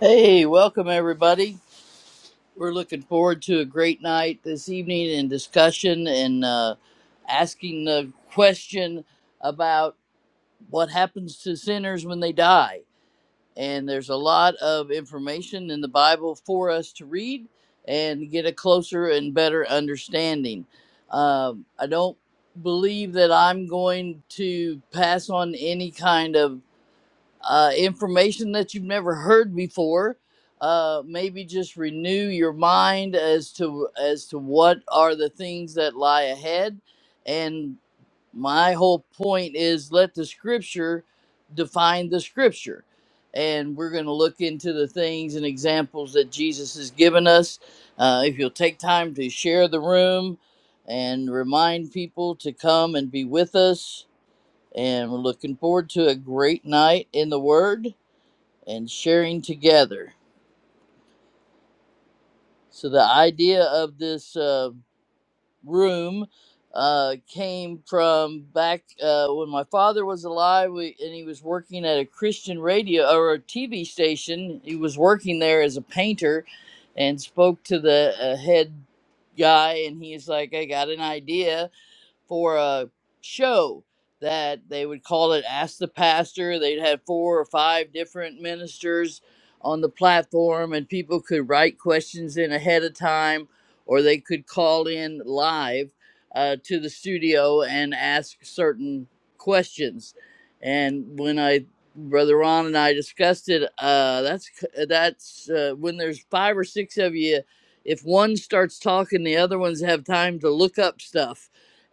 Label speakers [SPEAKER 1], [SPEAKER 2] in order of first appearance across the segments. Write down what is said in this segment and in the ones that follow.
[SPEAKER 1] Hey, welcome everybody. We're looking forward to a great night this evening and discussion and uh, asking the question about what happens to sinners when they die. And there's a lot of information in the Bible for us to read and get a closer and better understanding. Um, I don't believe that I'm going to pass on any kind of uh, information that you've never heard before. Uh, maybe just renew your mind as to as to what are the things that lie ahead. And my whole point is let the scripture define the scripture. And we're going to look into the things and examples that Jesus has given us. Uh, if you'll take time to share the room and remind people to come and be with us. And we're looking forward to a great night in the Word and sharing together. So the idea of this uh, room uh, came from back uh, when my father was alive, we, and he was working at a Christian radio or a TV station. He was working there as a painter, and spoke to the uh, head guy, and he's like, "I got an idea." for a show that they would call it Ask the Pastor. They'd have four or five different ministers on the platform, and people could write questions in ahead of time or they could call in live uh, to the studio and ask certain questions. And when I Brother Ron and I discussed it. Uh, that's c- that's uh, when there's five or six of you. If one starts talking, the other ones have time to look up stuff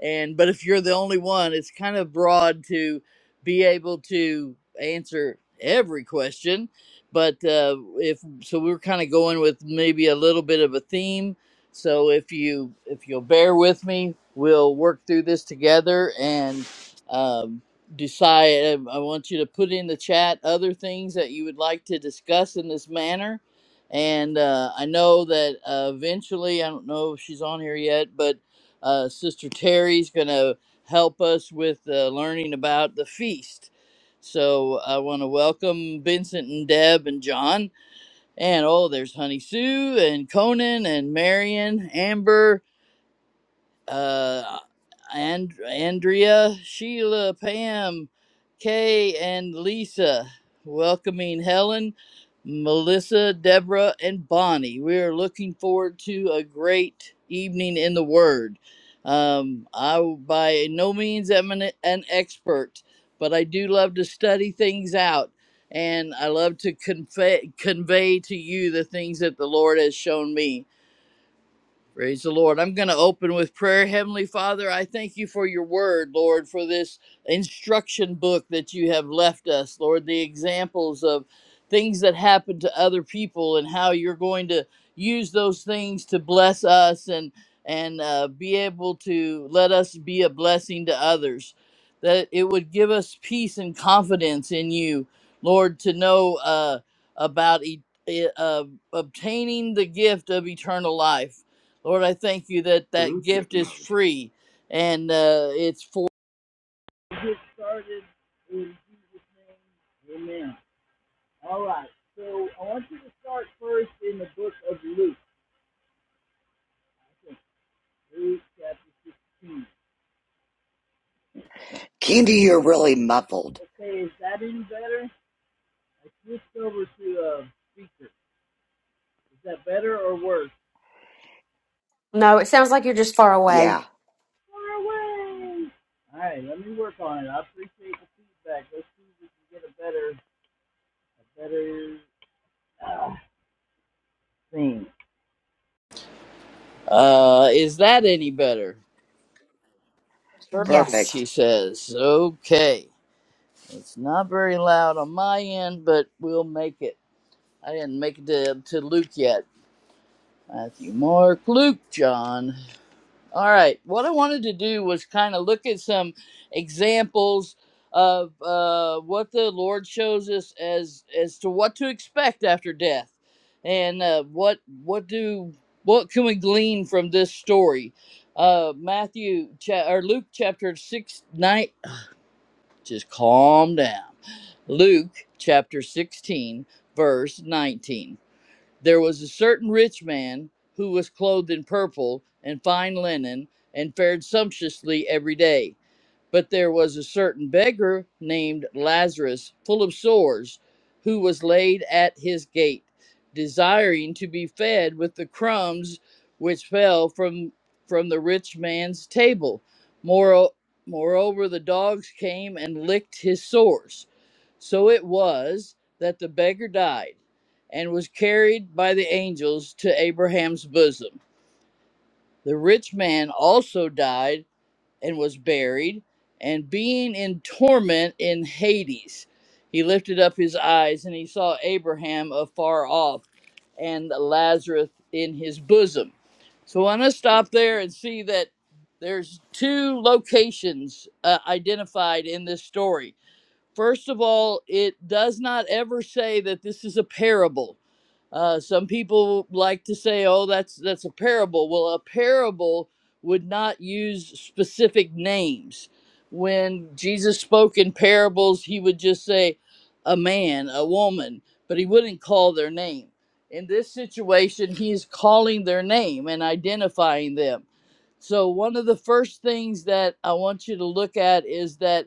[SPEAKER 1] and but if you're the only one it's kind of broad to be able to answer every question but uh, if so we are kind of going with maybe a little bit of a theme so if you if you'll bear with me we'll work through this together and um, decide i I want you to put in the chat other things that you would like to discuss in this manner and uh, i know that uh, eventually i don't know if she's on here yet but uh, Sister Terry's going to help us with uh, learning about the feast. So I want to welcome Vincent and Deb and John. And oh, there's Honey Sue and Conan and Marion, Amber, uh, and- Andrea, Sheila, Pam, Kay, and Lisa. Welcoming Helen, Melissa, Deborah, and Bonnie. We are looking forward to a great evening in the Word. Um, I w- by no means am an, an expert, but I do love to study things out, and I love to convey convey to you the things that the Lord has shown me Praise the Lord. I'm going to open with prayer. Heavenly Father, I thank you for your word, Lord, for this instruction book that you have left us, Lord, the examples of things that happen to other people and how you're going to use those things to bless us and and uh, be able to let us be a blessing to others. That it would give us peace and confidence in you, Lord, to know uh, about e- eh, uh, obtaining the gift of eternal life. Lord, I thank you that that gift is free and uh, it's for. Get started in Jesus' name. Amen. All right. So I want you to start first in the book of Luke. I think Luke chapter 16.
[SPEAKER 2] Candy, you're really muffled.
[SPEAKER 1] Okay, is that any better? I switched over to a uh, speaker. Is that better or worse?
[SPEAKER 3] No, it sounds like you're just far away.
[SPEAKER 2] Yeah,
[SPEAKER 1] Far away. All right, let me work on it. I appreciate the feedback. Let's see if we can get a better, a better uh, thing. Uh, is that any better? Perfect,
[SPEAKER 3] Yes.
[SPEAKER 1] she
[SPEAKER 2] perfect.
[SPEAKER 1] says. Okay. It's not very loud on my end, but we'll make it. I didn't make it to, to Luke yet. Matthew, Mark, Luke, John. All right. What I wanted to do was kind of look at some examples of uh, what the Lord shows us as as to what to expect after death, and uh, what what do what can we glean from this story. Uh, Matthew cha- or Luke chapter six nine. Just calm down. Luke chapter sixteen verse nineteen. There was a certain rich man who was clothed in purple and fine linen and fared sumptuously every day. But there was a certain beggar named Lazarus, full of sores, who was laid at his gate, desiring to be fed with the crumbs which fell from from the rich man's table. Moro- Moreover, the dogs came and licked his sores. So it was that the beggar died and was carried by the angels to Abraham's bosom. The rich man also died and was buried, and being in torment in Hades, he lifted up his eyes and he saw Abraham afar off and Lazarus in his bosom. So I'm going to stop there and see that there's two locations uh, identified in this story First of all, it does not ever say that this is a parable. Uh, some people like to say, "Oh, that's that's a parable." Well, a parable would not use specific names. When Jesus spoke in parables, he would just say, "A man, a woman," but he wouldn't call their name. In this situation, he is calling their name and identifying them. So, one of the first things that I want you to look at is that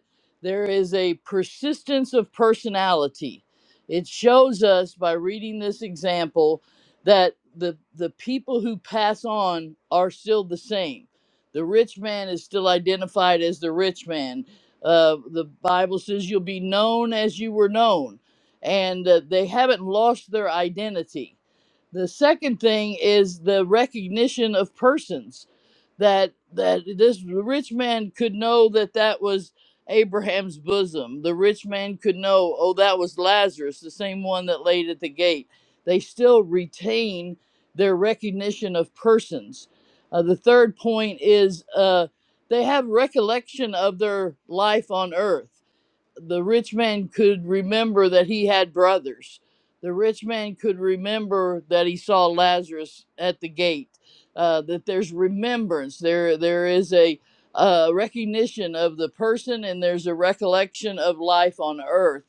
[SPEAKER 1] there is a persistence of personality. It shows us by reading this example that the, the people who pass on are still the same. The rich man is still identified as the rich man. Uh, the Bible says you'll be known as you were known, and uh, they haven't lost their identity. The second thing is the recognition of persons that that this rich man could know that that was Abraham's bosom. The rich man could know, oh, that was Lazarus, the same one that laid at the gate. They still retain their recognition of persons. Uh, the third point is uh, they have recollection of their life on earth the rich man could remember that he had brothers. The rich man could remember that he saw Lazarus at the gate. Uh, that there's remembrance. There, there is a uh, recognition of the person, and there's a recollection of life on earth.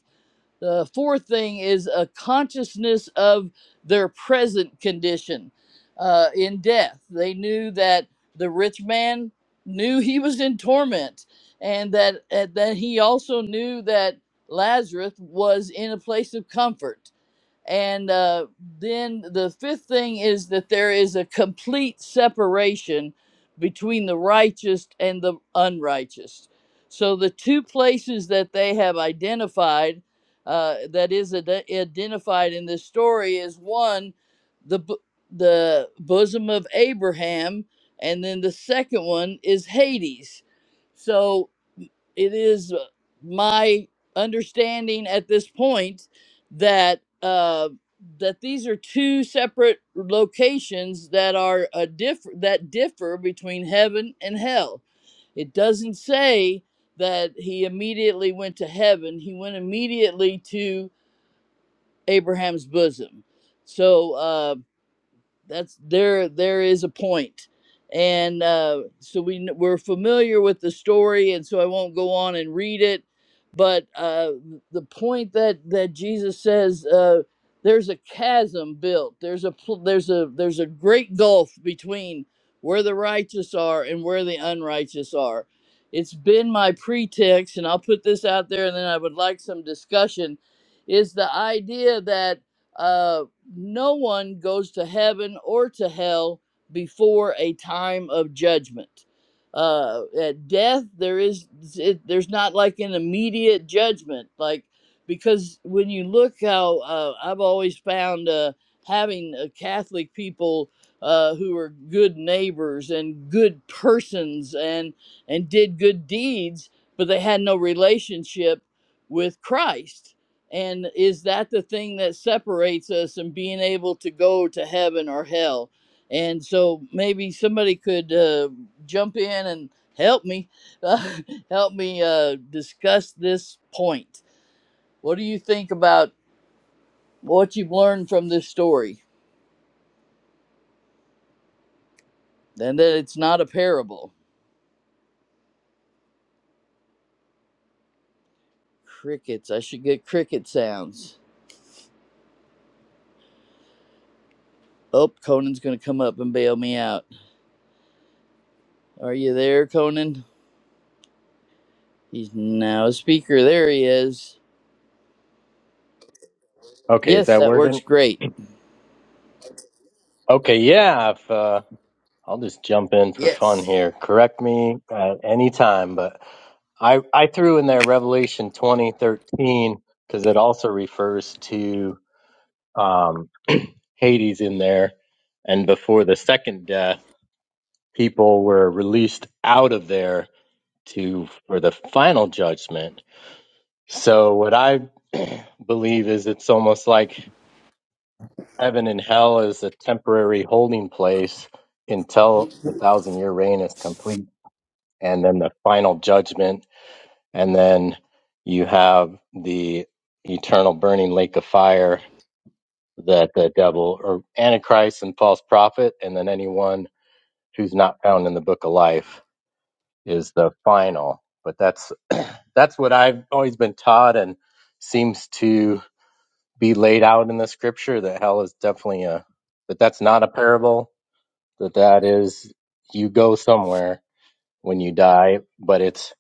[SPEAKER 1] The fourth thing is a consciousness of their present condition uh, in death. They knew that the rich man knew he was in torment, and that and that he also knew that Lazarus was in a place of comfort and uh, then the fifth thing is that there is a complete separation between the righteous and the unrighteous. So the two places that they have identified, uh, that is ad- identified in this story, is one, the bo- the bosom of Abraham, and then the second one is Hades. So it is uh, my understanding at this point that uh, that these are two separate locations that are a diff- that differ between heaven and hell. It doesn't say that he immediately went to heaven. He went immediately to Abraham's bosom. So. uh, that's there there is a point and uh, so we we're familiar with the story and so i won't go on and read it but uh, the point that that jesus says uh, there's a chasm built there's a pl- there's a there's a great gulf between where the righteous are and where the unrighteous are it's been my pretext and i'll put this out there and then i would like some discussion is the idea that uh, no one goes to heaven or to hell before a time of judgment. Uh, at death, there is it, there's not like an immediate judgment, like because when you look how uh, I've always found uh, having uh, Catholic people uh, who are good neighbors and good persons and and did good deeds, but they had no relationship with Christ and is that the thing that separates us and being able to go to heaven or hell? And so maybe somebody could uh, jump in and help me, uh, help me uh, discuss this point. What do you think about what you've learned from this story? And that it's not a parable. Crickets. I should get cricket sounds. Oh, Conan's going to come up and bail me out. Are you there, Conan? He's now a speaker. There he is.
[SPEAKER 4] Okay, is
[SPEAKER 1] Yes,
[SPEAKER 4] that
[SPEAKER 1] that
[SPEAKER 4] working?
[SPEAKER 1] works great.
[SPEAKER 4] Okay, yeah, if, uh, I'll just jump in for fun
[SPEAKER 1] Yes.
[SPEAKER 4] here. Correct me at any time, but I, I threw in there Revelation 2013 because it also refers to um, Hades in there. And before the second death, people were released out of there to for the final judgment. So what I believe is it's almost like Heaven and hell is a temporary holding place until the thousand year reign is complete, and then the final judgment, and then you have the eternal burning lake of fire that the devil or Antichrist and false prophet, and then anyone who's not found in the book of life is the final. But that's that's what I've always been taught and seems to be laid out in the scripture that hell is definitely a that that's not a parable that that is you go somewhere when you die, but it's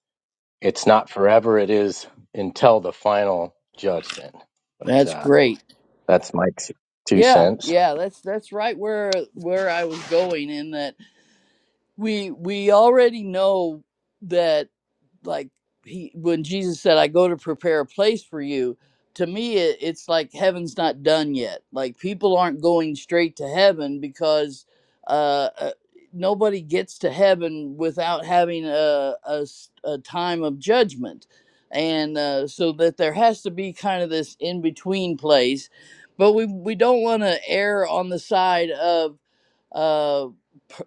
[SPEAKER 4] it's not forever. It is until the final judgment. But
[SPEAKER 1] That's
[SPEAKER 4] uh,
[SPEAKER 1] great.
[SPEAKER 4] that's my t- two
[SPEAKER 1] Yeah,
[SPEAKER 4] cents.
[SPEAKER 1] yeah, that's that's right where where I was going in that we we already know that. like he when jesus said i go to prepare a place for you to me it, it's like heaven's not done yet like people aren't going straight to heaven because uh, uh nobody gets to heaven without having a, a s- a time of judgment and uh, so that there has to be kind of this in between place but we we don't want to err on the side of uh,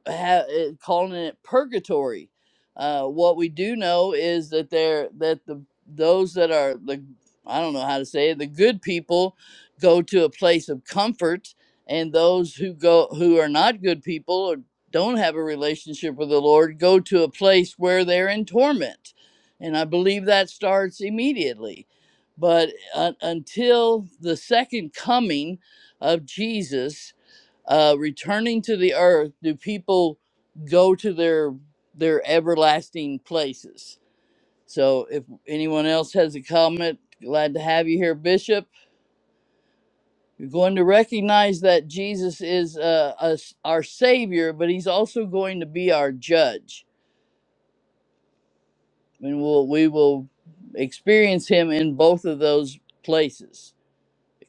[SPEAKER 1] ha- uh, calling it purgatory. Uh, what we do know is that they're that the those that are the I don't know how to say it the good people go to a place of comfort, and those who go who are not good people or don't have a relationship with the Lord go to a place where they're in torment, and I believe that starts immediately. But uh, until the second coming of Jesus, uh, returning to the earth, do people go to their their everlasting places? So, if anyone else has a comment, glad to have you here, Bishop. You're going to recognize that Jesus is uh, us, our Savior, but He's also going to be our Judge, and we'll we will experience Him in both of those places,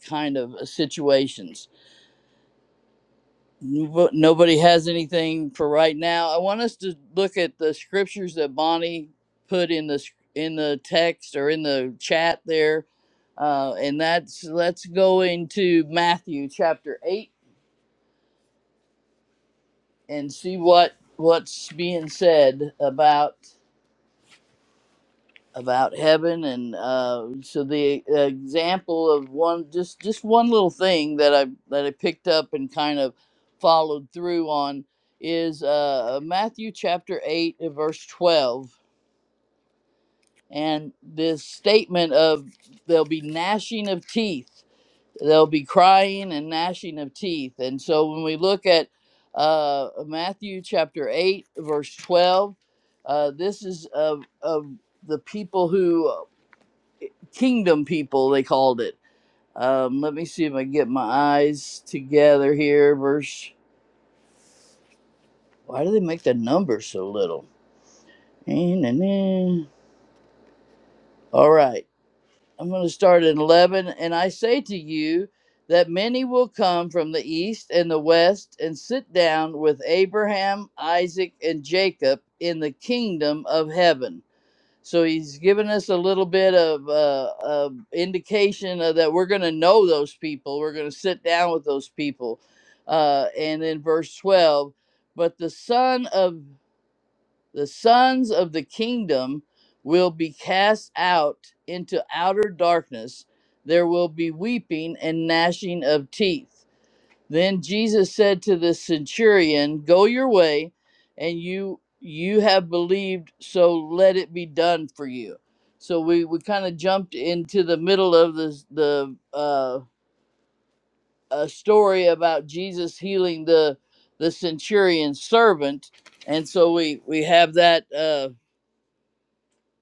[SPEAKER 1] kind of uh, situations. Nobo- Nobody has anything for right now. I want us to look at the scriptures that Bonnie put in the sc- in the text or in the chat there, uh, and that's let's go into Matthew chapter eight and see what what's being said about about heaven and uh, so the example of one just just one little thing that I that I picked up and kind of followed through on is uh, Matthew chapter eight and verse twelve and this statement of there'll be gnashing of teeth there'll be crying and gnashing of teeth and so when we look at uh, Matthew chapter eight verse twelve uh, this is of of the people who Kingdom people, they called it. Um, let me see if I can get my eyes together here. Verse. Why do they make the number so little? Eh, nah, nah. All right. I'm going to start at 11. And I say to you that many will come from the east and the west and sit down with Abraham, Isaac, and Jacob in the kingdom of heaven. So he's given us a little bit of uh, of indication of that we're going to know those people. We're going to sit down with those people. Uh, and in verse 12, but the son of the sons of the kingdom will be cast out into outer darkness. There will be weeping and gnashing of teeth. Then Jesus said to the centurion, "Go your way, and you you have believed, so let it be done for you." So we we kind of jumped into the middle of the the uh, a story about Jesus healing the the centurion's servant, and so we we have that. Uh,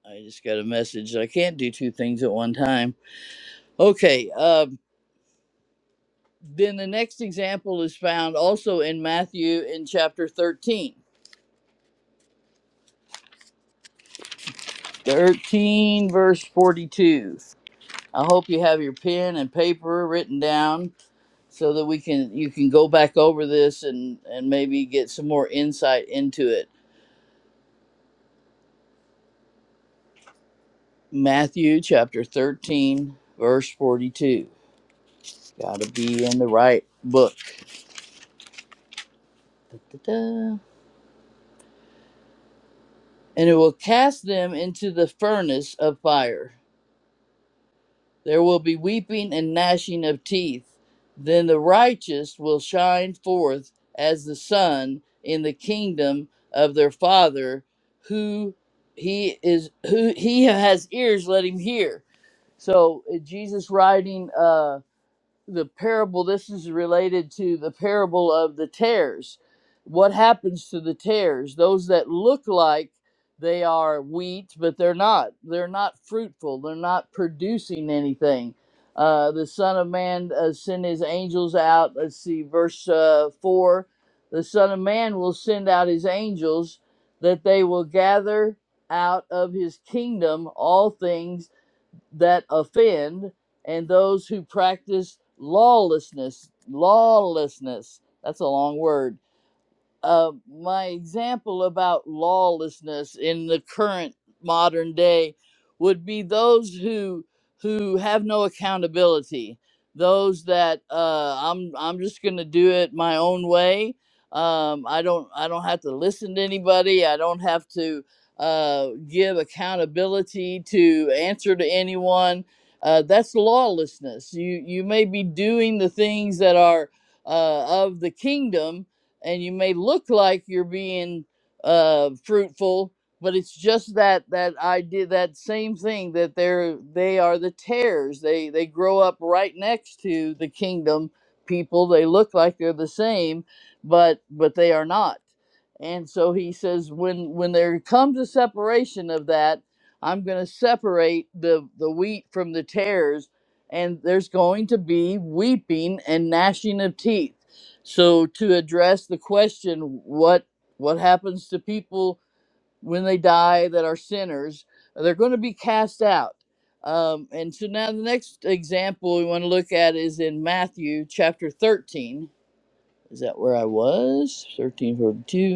[SPEAKER 1] I just got a message. I can't do two things at one time. Okay. Um, then the next example is found also in Matthew in chapter thirteen 13 verse 42 i hope you have your pen and paper written down so that we can you can go back over this and and maybe get some more insight into it matthew chapter 13 verse 42 gotta be in the right book Da, da, da. and it will cast them into the furnace of fire There will be weeping and gnashing of teeth. Then the righteous will shine forth as the sun in the kingdom of their Father, who he is, who he has ears, let him hear. So uh, Jesus writing. Uh, the parable this is related to the parable of the tares what happens to the tares those that look like they are wheat but they're not they're not fruitful they're not producing anything uh, the son of man uh, send his angels out let's see verse uh, 4 the son of man will send out his angels that they will gather out of his kingdom all things that offend and those who practice lawlessness. Lawlessness. That's a long word uh, my example about lawlessness in the current modern day would be those who who have no accountability those that uh, i'm i'm just going to do it my own way um, i don't i don't have to listen to anybody i don't have to uh, give accountability to answer to anyone uh, that's lawlessness you you may be doing the things that are uh, of the kingdom and you may look like you're being uh, fruitful, but it's just that that idea, that same thing that they're they are the tares. They they grow up right next to the kingdom people. They look like they're the same, but but they are not. And so he says, when when there comes a separation of that, I'm going to separate the the wheat from the tares, and there's going to be weeping and gnashing of teeth so to address the question, what what happens to people when they die that are sinners? They're going to be cast out. Um, and so now the next example we want to look at is in Matthew chapter 13. Is that where I was? Thirteen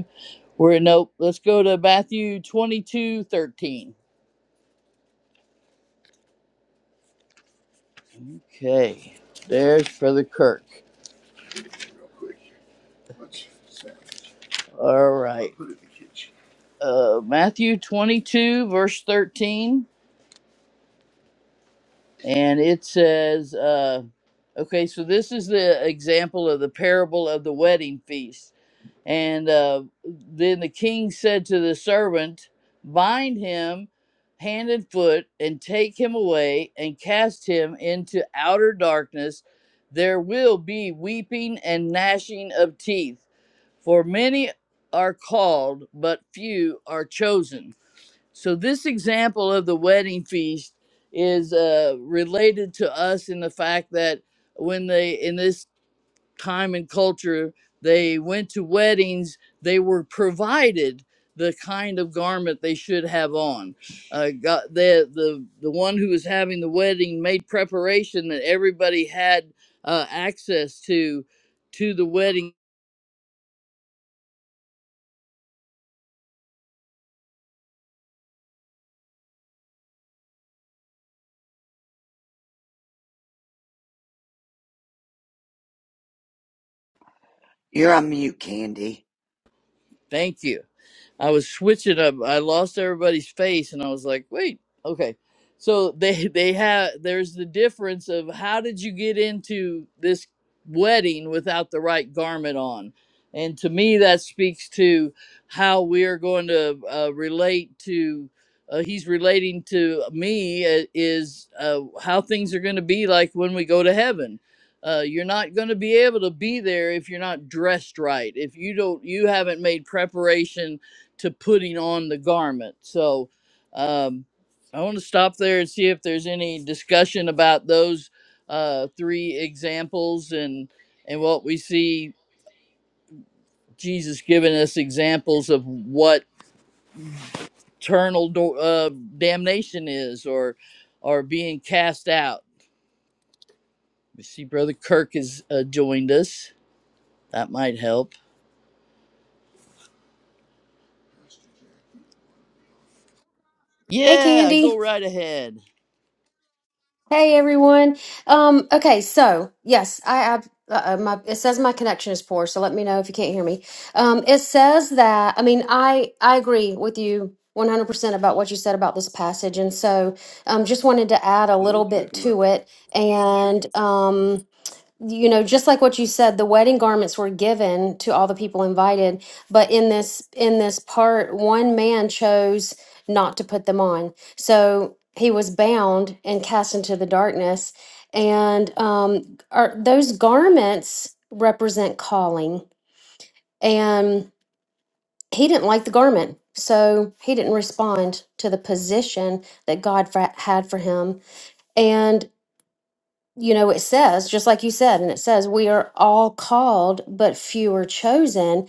[SPEAKER 1] forty-two. We're nope. Let's go to Matthew twenty-two thirteen. Okay. There's Brother Kirk. All right. Uh, Matthew 22, verse 13. And it says, uh, okay, so this is the example of the parable of the wedding feast. And uh, then the king said to the servant, Bind him hand and foot, and take him away, and cast him into outer darkness. There will be weeping and gnashing of teeth. For many are called, but few are chosen. So, this example of the wedding feast is uh, related to us in the fact that when they, in this time and culture, they went to weddings, they were provided the kind of garment they should have on. Uh, God, the, the, the one who was having the wedding made preparation that everybody had uh, access to to the wedding.
[SPEAKER 2] You're on mute, Candy.
[SPEAKER 1] Thank you I was switching up. I lost everybody's face, and I was like, "Wait, okay." So they they have there's the difference of how did you get into this wedding without the right garment on, and to me that speaks to how we are going to uh, relate to. Uh, he's relating to me uh, is uh, how things are going to be like when we go to heaven. Uh, you're not going to be able to be there if you're not dressed right. If you don't, you haven't made preparation to putting on the garment. So um, I want to stop there and see if there's any discussion about those uh, three examples and and what we see Jesus giving us examples of what eternal do- uh, damnation is or or being cast out. We see Brother Kirk has uh, joined us. That might help.
[SPEAKER 3] Hey,
[SPEAKER 1] Yeah,
[SPEAKER 3] Candy.
[SPEAKER 1] go right ahead.
[SPEAKER 3] Hey, everyone. Um, okay, so yes, I, I uh, my it says my connection is poor, so let me know if you can't hear me. Um, it says that I mean I I agree with you 100% about what you said about this passage, and so um, just wanted to add a little bit
[SPEAKER 1] Bluetooth.
[SPEAKER 3] to it, and um. you know just like what you said the wedding garments were given to all the people invited but in this in this part one man chose not to put them on so he was bound and cast into the darkness and um are those garments represent calling and he didn't like the garment so he didn't respond to the position that god fa- had for him and you know, it says, just like you said, and it says, we are all called, but few are chosen.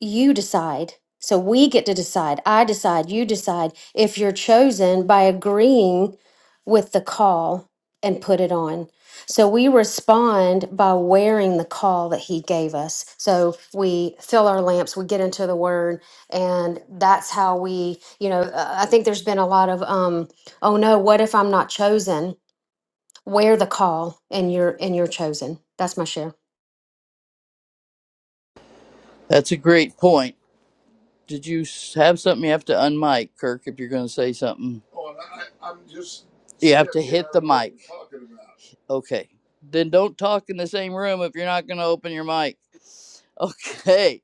[SPEAKER 3] You decide. So we get to decide. I decide. You decide if you're chosen by agreeing with the call and put it on. So we respond by wearing the call that he gave us. So we fill our lamps, we get into the word, and that's how we, you know, uh, I think there's been a lot of, um, oh no, what if I'm not chosen? wear the call and you're and you're chosen that's my share
[SPEAKER 1] That's a great point. Did you have something you have to unmic, Kirk, if you're going to say something? Oh, I, I'm just You have to hit the mic. Okay. Then don't talk in the same room if you're not going to open your mic. Okay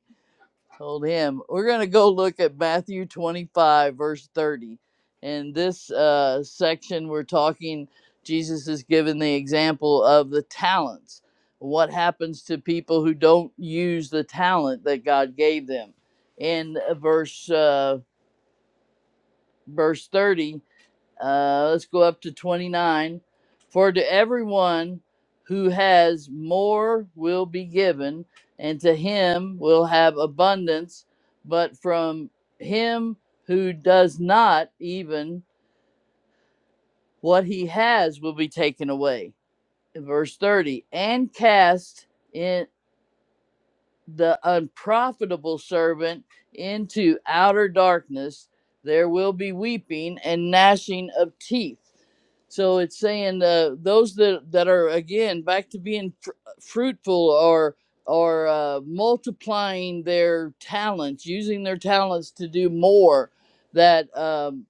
[SPEAKER 1] told him we're going to go look at matthew 25 verse 30 in this uh, section we're talking jesus is given the example of the talents what happens to people who don't use the talent that god gave them in uh, verse uh, verse 30 uh, let's go up to 29. For to everyone who has more will be given, and to him will have abundance. But from him who does not, even what he has will be taken away. Verse 30 And cast in. the unprofitable servant into outer darkness. There will be weeping and gnashing of teeth. So it's saying uh, those that, that are again back to being fr- fruitful or or uh, multiplying their talents, using their talents to do more. That um,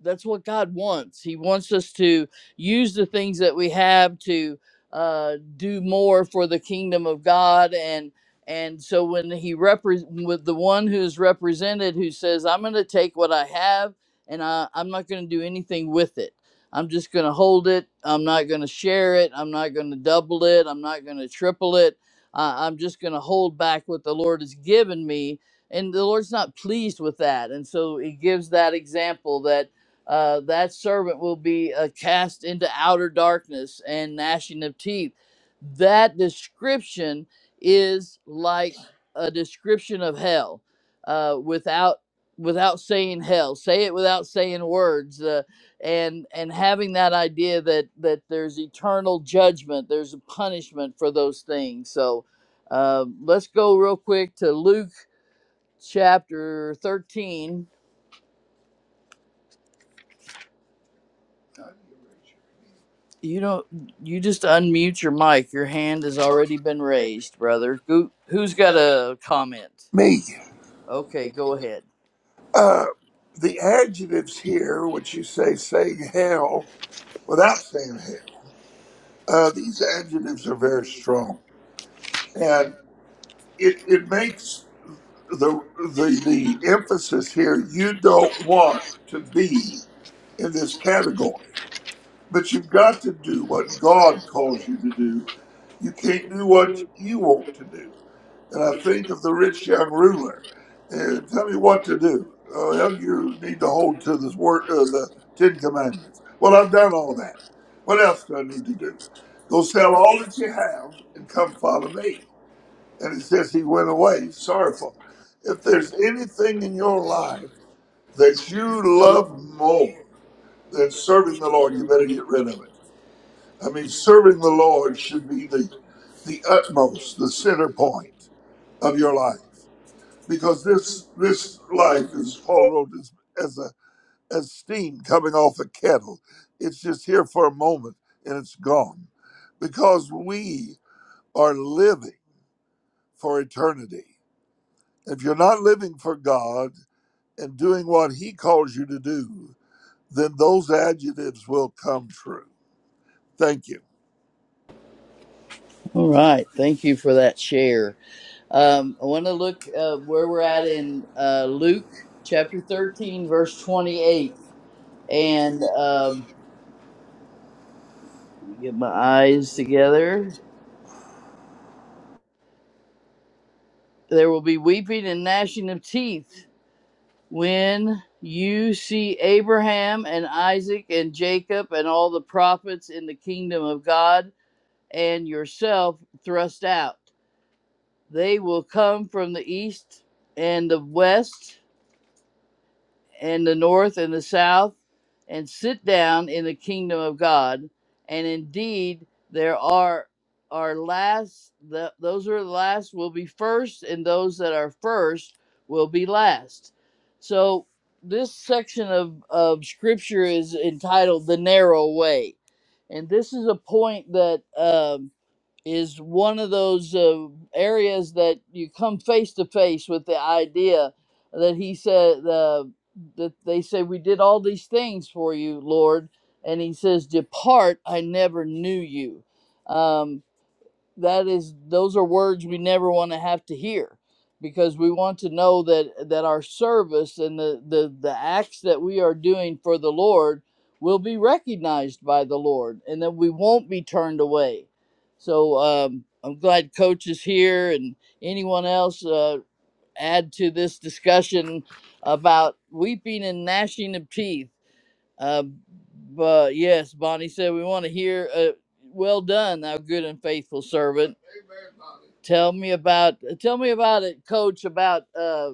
[SPEAKER 1] that's what God wants. He wants us to use the things that we have to uh, do more for the kingdom of God and. And so when he repre- with the one who's represented who says, I'm going to take what I have and I, I'm not going to do anything with it. I'm just going to hold it. I'm not going to share it. I'm not going to double it. I'm not going to triple it. I I'm just going to hold back what the Lord has given me. And the Lord's not pleased with that. And so he gives that example that uh, that servant will be uh, cast into outer darkness and gnashing of teeth that description is like a description of hell uh, without without saying hell say it without saying words uh, and and having that idea that that there's eternal judgment there's a punishment for those things so uh, let's go real quick to luke chapter 13 you don't you just unmute your mic your hand has already been raised brother Who, who's got a comment
[SPEAKER 5] Me.
[SPEAKER 1] okay go ahead Uh,
[SPEAKER 5] Uh,
[SPEAKER 1] the
[SPEAKER 5] the adjectives
[SPEAKER 1] adjectives here,
[SPEAKER 5] here, which
[SPEAKER 1] which
[SPEAKER 5] you
[SPEAKER 1] you
[SPEAKER 5] say
[SPEAKER 1] say say
[SPEAKER 5] saying
[SPEAKER 1] hell
[SPEAKER 5] hell
[SPEAKER 1] without
[SPEAKER 5] without
[SPEAKER 1] saying
[SPEAKER 5] saying
[SPEAKER 1] it,
[SPEAKER 5] hell,
[SPEAKER 1] uh,
[SPEAKER 5] uh, these
[SPEAKER 1] these
[SPEAKER 5] adjectives
[SPEAKER 1] adjectives
[SPEAKER 5] are
[SPEAKER 1] are
[SPEAKER 5] very
[SPEAKER 1] very
[SPEAKER 5] strong,
[SPEAKER 1] strong. And
[SPEAKER 5] and it,
[SPEAKER 1] it,
[SPEAKER 5] it
[SPEAKER 1] it
[SPEAKER 5] makes
[SPEAKER 1] makes
[SPEAKER 5] the
[SPEAKER 1] the, the,
[SPEAKER 5] the the
[SPEAKER 1] the emphasis
[SPEAKER 5] emphasis here.
[SPEAKER 1] here,
[SPEAKER 5] You
[SPEAKER 1] you
[SPEAKER 5] don't
[SPEAKER 1] don't
[SPEAKER 5] want
[SPEAKER 1] want
[SPEAKER 5] to
[SPEAKER 1] to be
[SPEAKER 5] be
[SPEAKER 1] in
[SPEAKER 5] in this
[SPEAKER 1] this category.
[SPEAKER 5] category, but
[SPEAKER 1] But
[SPEAKER 5] you've
[SPEAKER 1] you've
[SPEAKER 5] got
[SPEAKER 1] got
[SPEAKER 5] to
[SPEAKER 1] to
[SPEAKER 5] do
[SPEAKER 1] do what
[SPEAKER 5] what
[SPEAKER 1] God
[SPEAKER 5] God
[SPEAKER 1] calls
[SPEAKER 5] calls you
[SPEAKER 1] you to
[SPEAKER 5] to do.
[SPEAKER 1] do. You
[SPEAKER 5] You can't
[SPEAKER 1] can't
[SPEAKER 5] do
[SPEAKER 1] do what
[SPEAKER 5] what you
[SPEAKER 1] you want
[SPEAKER 5] want
[SPEAKER 1] to do.
[SPEAKER 5] to do. And
[SPEAKER 1] And
[SPEAKER 5] I
[SPEAKER 1] I think
[SPEAKER 5] think of
[SPEAKER 1] that
[SPEAKER 5] the
[SPEAKER 1] the
[SPEAKER 5] rich
[SPEAKER 1] rich
[SPEAKER 5] young
[SPEAKER 1] young ruler
[SPEAKER 5] ruler. Uh,
[SPEAKER 1] is
[SPEAKER 5] tell
[SPEAKER 1] tell
[SPEAKER 5] me
[SPEAKER 1] me
[SPEAKER 5] what
[SPEAKER 1] what
[SPEAKER 5] to
[SPEAKER 1] to
[SPEAKER 5] do.
[SPEAKER 1] do. Uh,
[SPEAKER 5] Uh, well,
[SPEAKER 1] that
[SPEAKER 5] you
[SPEAKER 1] you need
[SPEAKER 5] need to
[SPEAKER 1] to
[SPEAKER 5] hold
[SPEAKER 1] hold
[SPEAKER 5] to
[SPEAKER 1] to the
[SPEAKER 5] this word,
[SPEAKER 1] word of
[SPEAKER 5] uh,
[SPEAKER 1] the
[SPEAKER 5] the Ten
[SPEAKER 1] Ten Commandments.
[SPEAKER 5] Commandments. Well,
[SPEAKER 1] Well,
[SPEAKER 5] I've
[SPEAKER 1] I've done
[SPEAKER 5] done all
[SPEAKER 1] all that.
[SPEAKER 5] that.
[SPEAKER 1] What
[SPEAKER 5] What
[SPEAKER 1] else
[SPEAKER 5] else do
[SPEAKER 1] do
[SPEAKER 5] I
[SPEAKER 1] I need
[SPEAKER 5] need
[SPEAKER 1] to
[SPEAKER 5] to
[SPEAKER 1] do?
[SPEAKER 5] do? Go
[SPEAKER 1] Go
[SPEAKER 5] sell
[SPEAKER 1] sell
[SPEAKER 5] all
[SPEAKER 1] all that
[SPEAKER 5] that you
[SPEAKER 1] you have
[SPEAKER 5] have and
[SPEAKER 1] and come
[SPEAKER 5] come follow
[SPEAKER 1] follow
[SPEAKER 5] me.
[SPEAKER 1] me.
[SPEAKER 5] And it
[SPEAKER 1] And as if
[SPEAKER 5] says he
[SPEAKER 1] you
[SPEAKER 5] went
[SPEAKER 1] went
[SPEAKER 5] away
[SPEAKER 1] away sorrowful.
[SPEAKER 5] sorrowful.
[SPEAKER 1] If
[SPEAKER 5] If
[SPEAKER 1] there's
[SPEAKER 5] there's anything
[SPEAKER 1] anything
[SPEAKER 5] in
[SPEAKER 1] in your
[SPEAKER 5] your
[SPEAKER 1] life
[SPEAKER 5] life that
[SPEAKER 1] that you
[SPEAKER 5] you love
[SPEAKER 1] love
[SPEAKER 5] more
[SPEAKER 1] more than
[SPEAKER 5] than serving
[SPEAKER 1] serving
[SPEAKER 5] the
[SPEAKER 1] the Lord,
[SPEAKER 5] Lord, you
[SPEAKER 1] you
[SPEAKER 5] better
[SPEAKER 1] better
[SPEAKER 5] get
[SPEAKER 1] get rid
[SPEAKER 5] rid
[SPEAKER 1] of
[SPEAKER 5] of
[SPEAKER 1] it.
[SPEAKER 5] it. I
[SPEAKER 1] I
[SPEAKER 5] mean,
[SPEAKER 1] mean,
[SPEAKER 5] serving
[SPEAKER 1] serving
[SPEAKER 5] the
[SPEAKER 1] the
[SPEAKER 5] Lord
[SPEAKER 1] Lord
[SPEAKER 5] should
[SPEAKER 1] should
[SPEAKER 5] be
[SPEAKER 1] be
[SPEAKER 5] the
[SPEAKER 1] the,
[SPEAKER 5] the
[SPEAKER 1] the
[SPEAKER 5] utmost,
[SPEAKER 1] utmost,
[SPEAKER 5] the
[SPEAKER 1] the
[SPEAKER 5] center
[SPEAKER 1] center point
[SPEAKER 5] point of
[SPEAKER 1] of
[SPEAKER 5] your
[SPEAKER 1] your life.
[SPEAKER 5] life because
[SPEAKER 1] Because
[SPEAKER 5] this
[SPEAKER 1] this
[SPEAKER 5] this
[SPEAKER 1] this life
[SPEAKER 5] life,
[SPEAKER 1] is
[SPEAKER 5] as Paul
[SPEAKER 1] full.
[SPEAKER 5] wrote, is as a as steam coming off a kettle. It's just here for a moment and it's gone, because we are living for eternity. If you're not living for God and doing what He calls you to do, then those adjectives will come true. Thank you.
[SPEAKER 1] All right. Thank you for that share. Um, I want to look uh, where we're at in uh, Luke chapter 13, verse 28. And um, let me get my eyes together. There will be weeping and gnashing of teeth When you see Abraham and Isaac and Jacob and all the prophets in the kingdom of God and yourself thrust out, they will come from the east and the west and the north and the south, and sit down in the kingdom of God. And indeed, there are are last the, those who are last will be first, and those that are first will be last. So this section of, of scripture is entitled the narrow way and this is a point that um, is one of those uh, areas that you come face to face with the idea that he said uh, that they say we did all these things for you lord and he says depart i never knew you Um, that is those are words we never want to have to hear because we want to know that that our service and the, the the acts that we are doing for the lord will be recognized by the lord and that we won't be turned away so um, i'm glad coach is here and anyone else uh, add to this discussion about weeping and gnashing of teeth uh, but yes bonnie said we want to hear uh, well done thou good and faithful servant Tell me about tell me about it, Coach. About uh,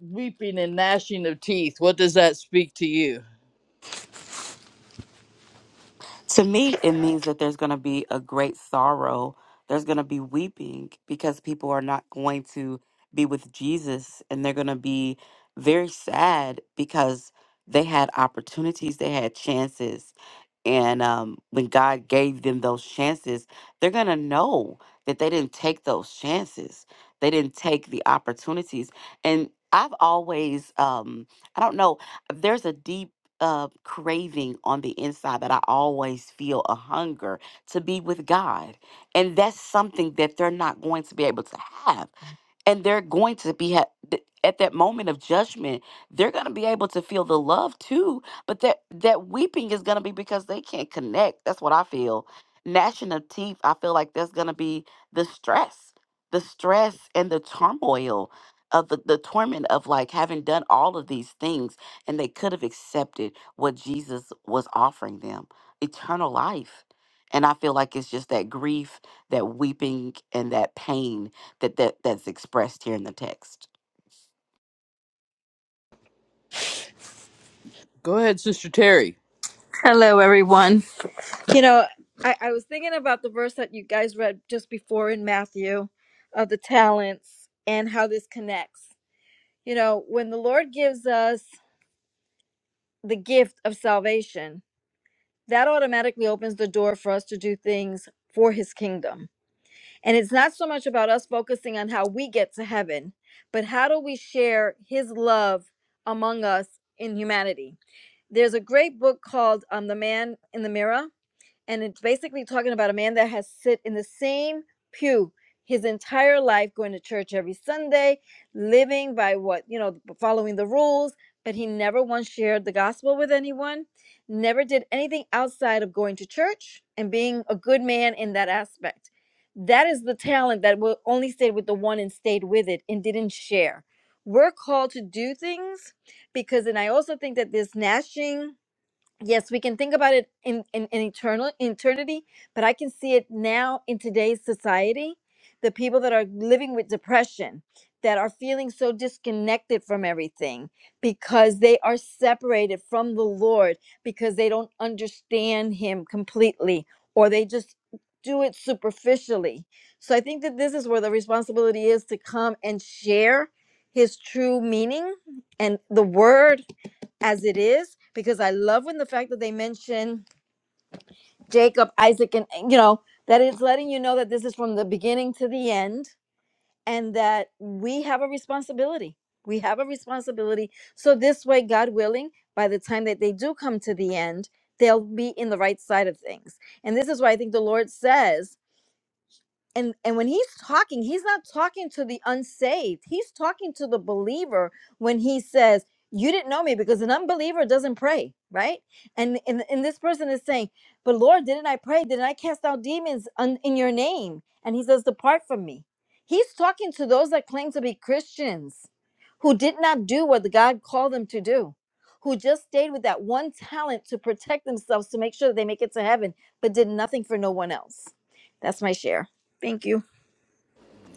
[SPEAKER 1] weeping and gnashing of teeth. What does that speak to you?
[SPEAKER 6] To me, it means that there's going to be a great sorrow. There's going to be weeping because people are not going to be with Jesus and they're going to be very sad because they had opportunities, they had chances, and um, when God gave them those chances, they're going to know that they didn't take those chances. They didn't take the opportunities. And I've always, um, I don't know, there's a deep uh, craving on the inside that I always feel a hunger to be with God. And that's something that they're not going to be able to have and they're going to be ha- th- at that moment of judgment they're going to be able to feel the love too but that that weeping is going to be because they can't connect that's what i feel gnashing of teeth i feel like that's going to be the stress the stress and the turmoil of the, the torment of like having done all of these things and they could have accepted what jesus was offering them eternal life and i feel like it's just that grief that weeping and that pain that, that that's expressed here in the text.
[SPEAKER 1] Go ahead, Sister Terry.
[SPEAKER 7] Hello, everyone. You know, I, I was thinking about the verse that you guys read just before in Matthew of the talents and how this connects. You know, when the Lord gives us the gift of salvation, that automatically opens the door for us to do things for his kingdom. And it's not so much about us focusing on how we get to heaven, but how do we share his love among us in humanity? There's a great book called um, The Man in the Mirror and it's basically talking about a man that has sit in the same pew his entire life going to church every sunday living by what you know following the rules but he never once shared the gospel with anyone never did anything outside of going to church and being a good man in that aspect that is the talent that will only stayed with the one and stayed with it and didn't share we're called to do things because and i also think that this gnashing yes we can think about it in, in, in eternal eternity but i can see it now in today's society the people that are living with depression that are feeling so disconnected from everything because they are separated from the lord because they don't understand him completely or they just do it superficially so i think that this is where the responsibility is to come and share his true meaning and the word as it is because I love when the fact that they mention Jacob, Isaac, and you know that it's letting you know that this is from the beginning to the end, and that we have a responsibility. We have a responsibility. So this way, God willing, by the time that they do come to the end, they'll be in the right side of things. And this is why I think the Lord says and and when he's talking he's not talking to the unsaved he's talking to the believer when he says you didn't know me because an unbeliever doesn't pray right and and, and this person is saying but lord didn't i pray didn't i cast out demons on, in your name and he says depart from me he's talking to those that claim to be christians who did not do what god called them to do who just stayed with that one talent to protect themselves to make sure that they make it to heaven but did nothing for no one else that's my share Thank you.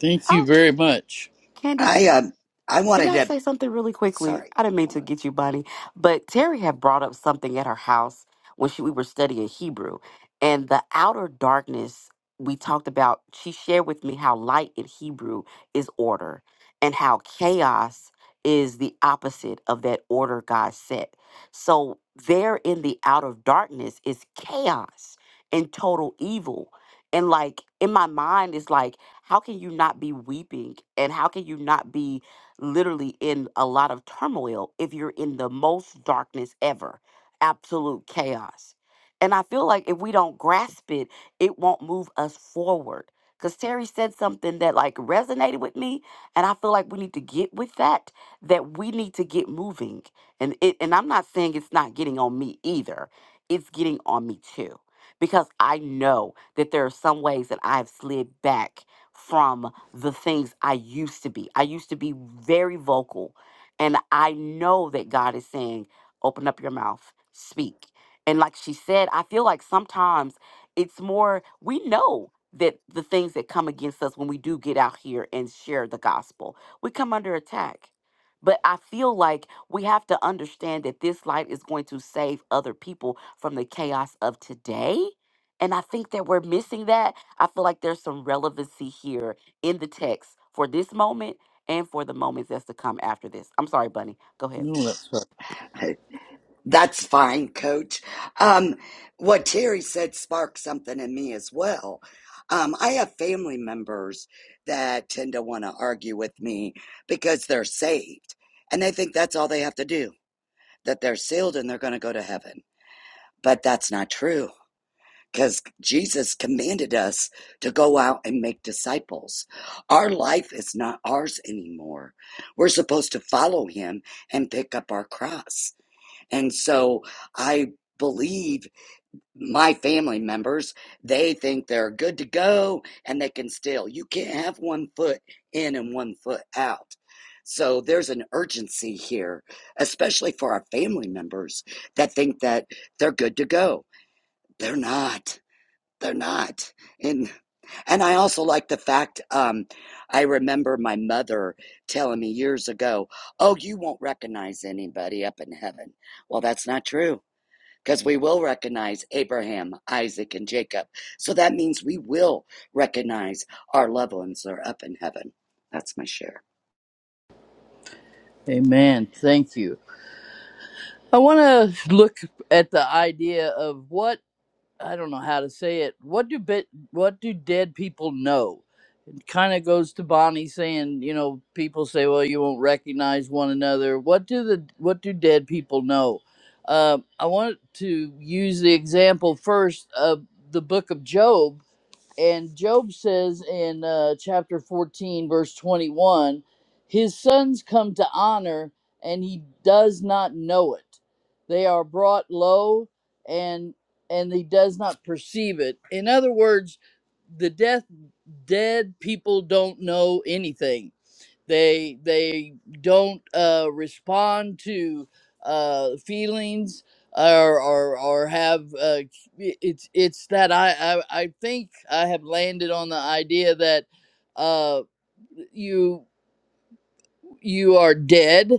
[SPEAKER 1] Thank you
[SPEAKER 6] Oh,
[SPEAKER 1] very much.
[SPEAKER 6] Candy
[SPEAKER 2] I um, I
[SPEAKER 6] Can
[SPEAKER 2] wanted
[SPEAKER 6] I
[SPEAKER 2] to.
[SPEAKER 6] say something really quickly?
[SPEAKER 2] Sorry,
[SPEAKER 6] I didn't mean to get you, Bonnie, but Terry had brought up something at her house when she, we were studying Hebrew, and the outer darkness we talked about. She shared with me how light in Hebrew is order, and how chaos is the opposite of that order God set. So there, in the outer darkness, is chaos and total evil. And like in my mind, it's like, how can you not be weeping? And how can you not be literally in a lot of turmoil if you're in the most darkness ever, absolute chaos. And I feel like if we don't grasp it, it won't move us forward. Because Terry said something that like resonated with me. And I feel like we need to get with that, that we need to get moving. And it and I'm not saying it's not getting on me either. It's getting on me too. Because I know that there are some ways that I've slid back from the things I used to be. I used to be very vocal. And I know that God is saying, open up your mouth, speak. And like she said, I feel like sometimes it's more, we know that the things that come against us when we do get out here and share the gospel, we come under attack. But I feel like we have to understand that this light is going to save other people from the chaos of today. And I think that we're missing that. I feel like there's some relevancy here in the text for this moment and for the moments that's to come after this. I'm sorry, Bunny. Go ahead.
[SPEAKER 1] No, that's right.
[SPEAKER 2] that's fine, Coach. Um, what Terry said sparked something in me as well. Um, I have family members that tend to want to argue with me because they're saved and they think that's all they have to do, that they're sealed and they're going to go to heaven. But that's not true. because Jesus commanded us to go out and make disciples. Our life is not ours anymore. We're supposed to follow him and pick up our cross. And so I believe my family members, they think they're good to go and they can still. You can't have one foot in and one foot out. So there's an urgency here, especially for our family members that think that they're good to go. They're not they're not and and i also like the fact um i remember my mother telling me years ago oh you won't recognize anybody up in heaven well that's not true because we will recognize abraham isaac and jacob so that means we will recognize our loved ones that are up in heaven that's my share
[SPEAKER 1] Amen. Thank you. I want to look at the idea of what I don't know how to say it. What do bit? What do dead people know? kind of goes to Bonnie saying, you know, people say, well, you won't recognize one another. What do the what do dead people know? Uh, I want to use the example first of the book of Job and Job says in uh, chapter 14, verse 21, his sons come to honor and he does not know it. They are brought low and and he does not perceive it. In other words, the death dead people don't know anything they they don't uh, respond to uh, feelings or or, or have uh, it's it's that I, I I think I have landed on the idea that uh, you you are dead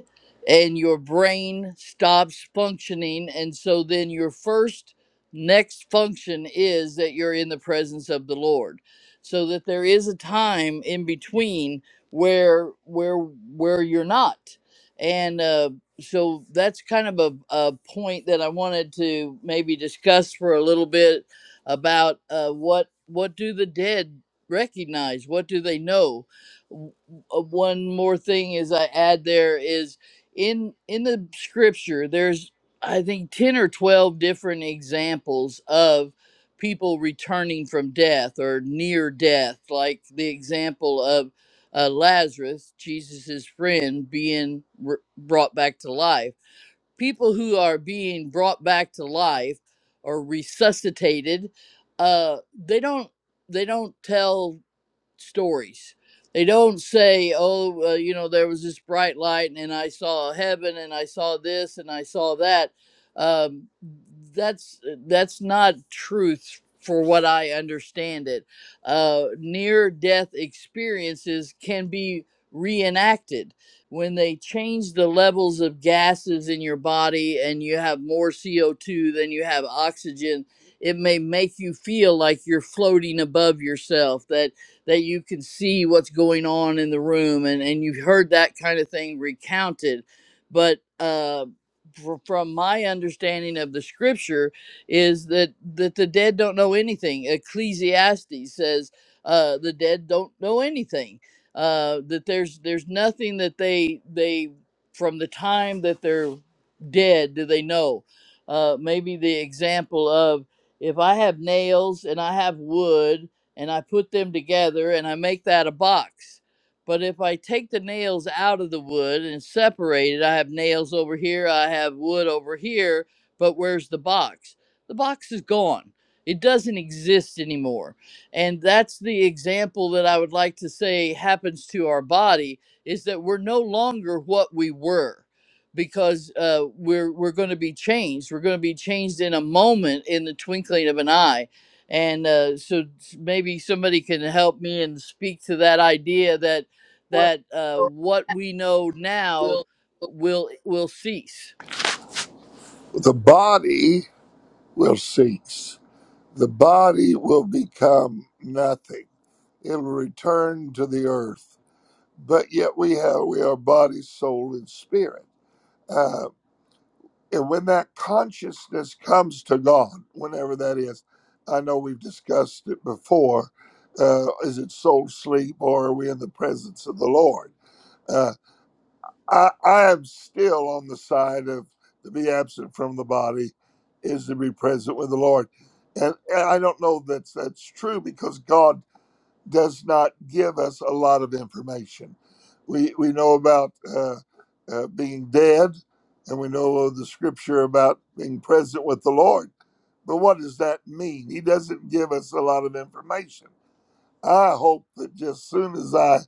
[SPEAKER 1] and your brain stops functioning and so then your first next function is that you're in the presence of the lord so that there is a time in between where where where you're not and uh so that's kind of a, a point that i wanted to maybe discuss for a little bit about uh what what do the dead recognize what do they know uh, one more thing is I add there is in in the scripture there's I think 10 or 12 different examples of people returning from death or near death like the example of uh, Lazarus Jesus's friend being r brought back to life people who are being brought back to life or resuscitated uh they don't they don't tell stories. They don't say, oh, uh, you know, there was this bright light and I saw heaven and I saw this and I saw that. Um, that's that's not truth for what I understand it. Uh, Near death experiences can be reenacted when they change the levels of gases in your body and you have more CO2 than you have oxygen it may make you feel like you're floating above yourself That that you can see what's going on in the room and and you've heard that kind of thing recounted but uh fr- from my understanding of the scripture is that that the dead don't know anything ecclesiastes says uh the dead don't know anything uh that there's there's nothing that they they from the time that they're dead do they know uh maybe the example of if i have nails and i have wood and I put them together and I make that a box. But if I take the nails out of the wood and separate it, I have nails over here, I have wood over here, but where's the box? The box is gone. It doesn't exist anymore. And that's the example that I would like to say happens to our body is that we're no longer what we were because uh, we're, we're going to be changed. We're going to be changed in a moment in the twinkling of an eye and uh, so maybe somebody can help me and speak to that idea that that uh, what we know now will will cease.
[SPEAKER 5] The body will cease. The body will become nothing. It will return to the earth but yet we have we are body, soul, and spirit. Uh, and when that consciousness comes to God, whenever that is, I know we've discussed it before. Uh, is it soul sleep, or are we in the presence of the Lord? Uh, I, I am still on the side of to be absent from the body is to be present with the Lord, and, and I don't know that that's true because God does not give us a lot of information. We we know about uh, uh, being dead, and we know of the scripture about being present with the Lord. But what does that mean? He doesn't give us a lot of information. I hope that just soon as I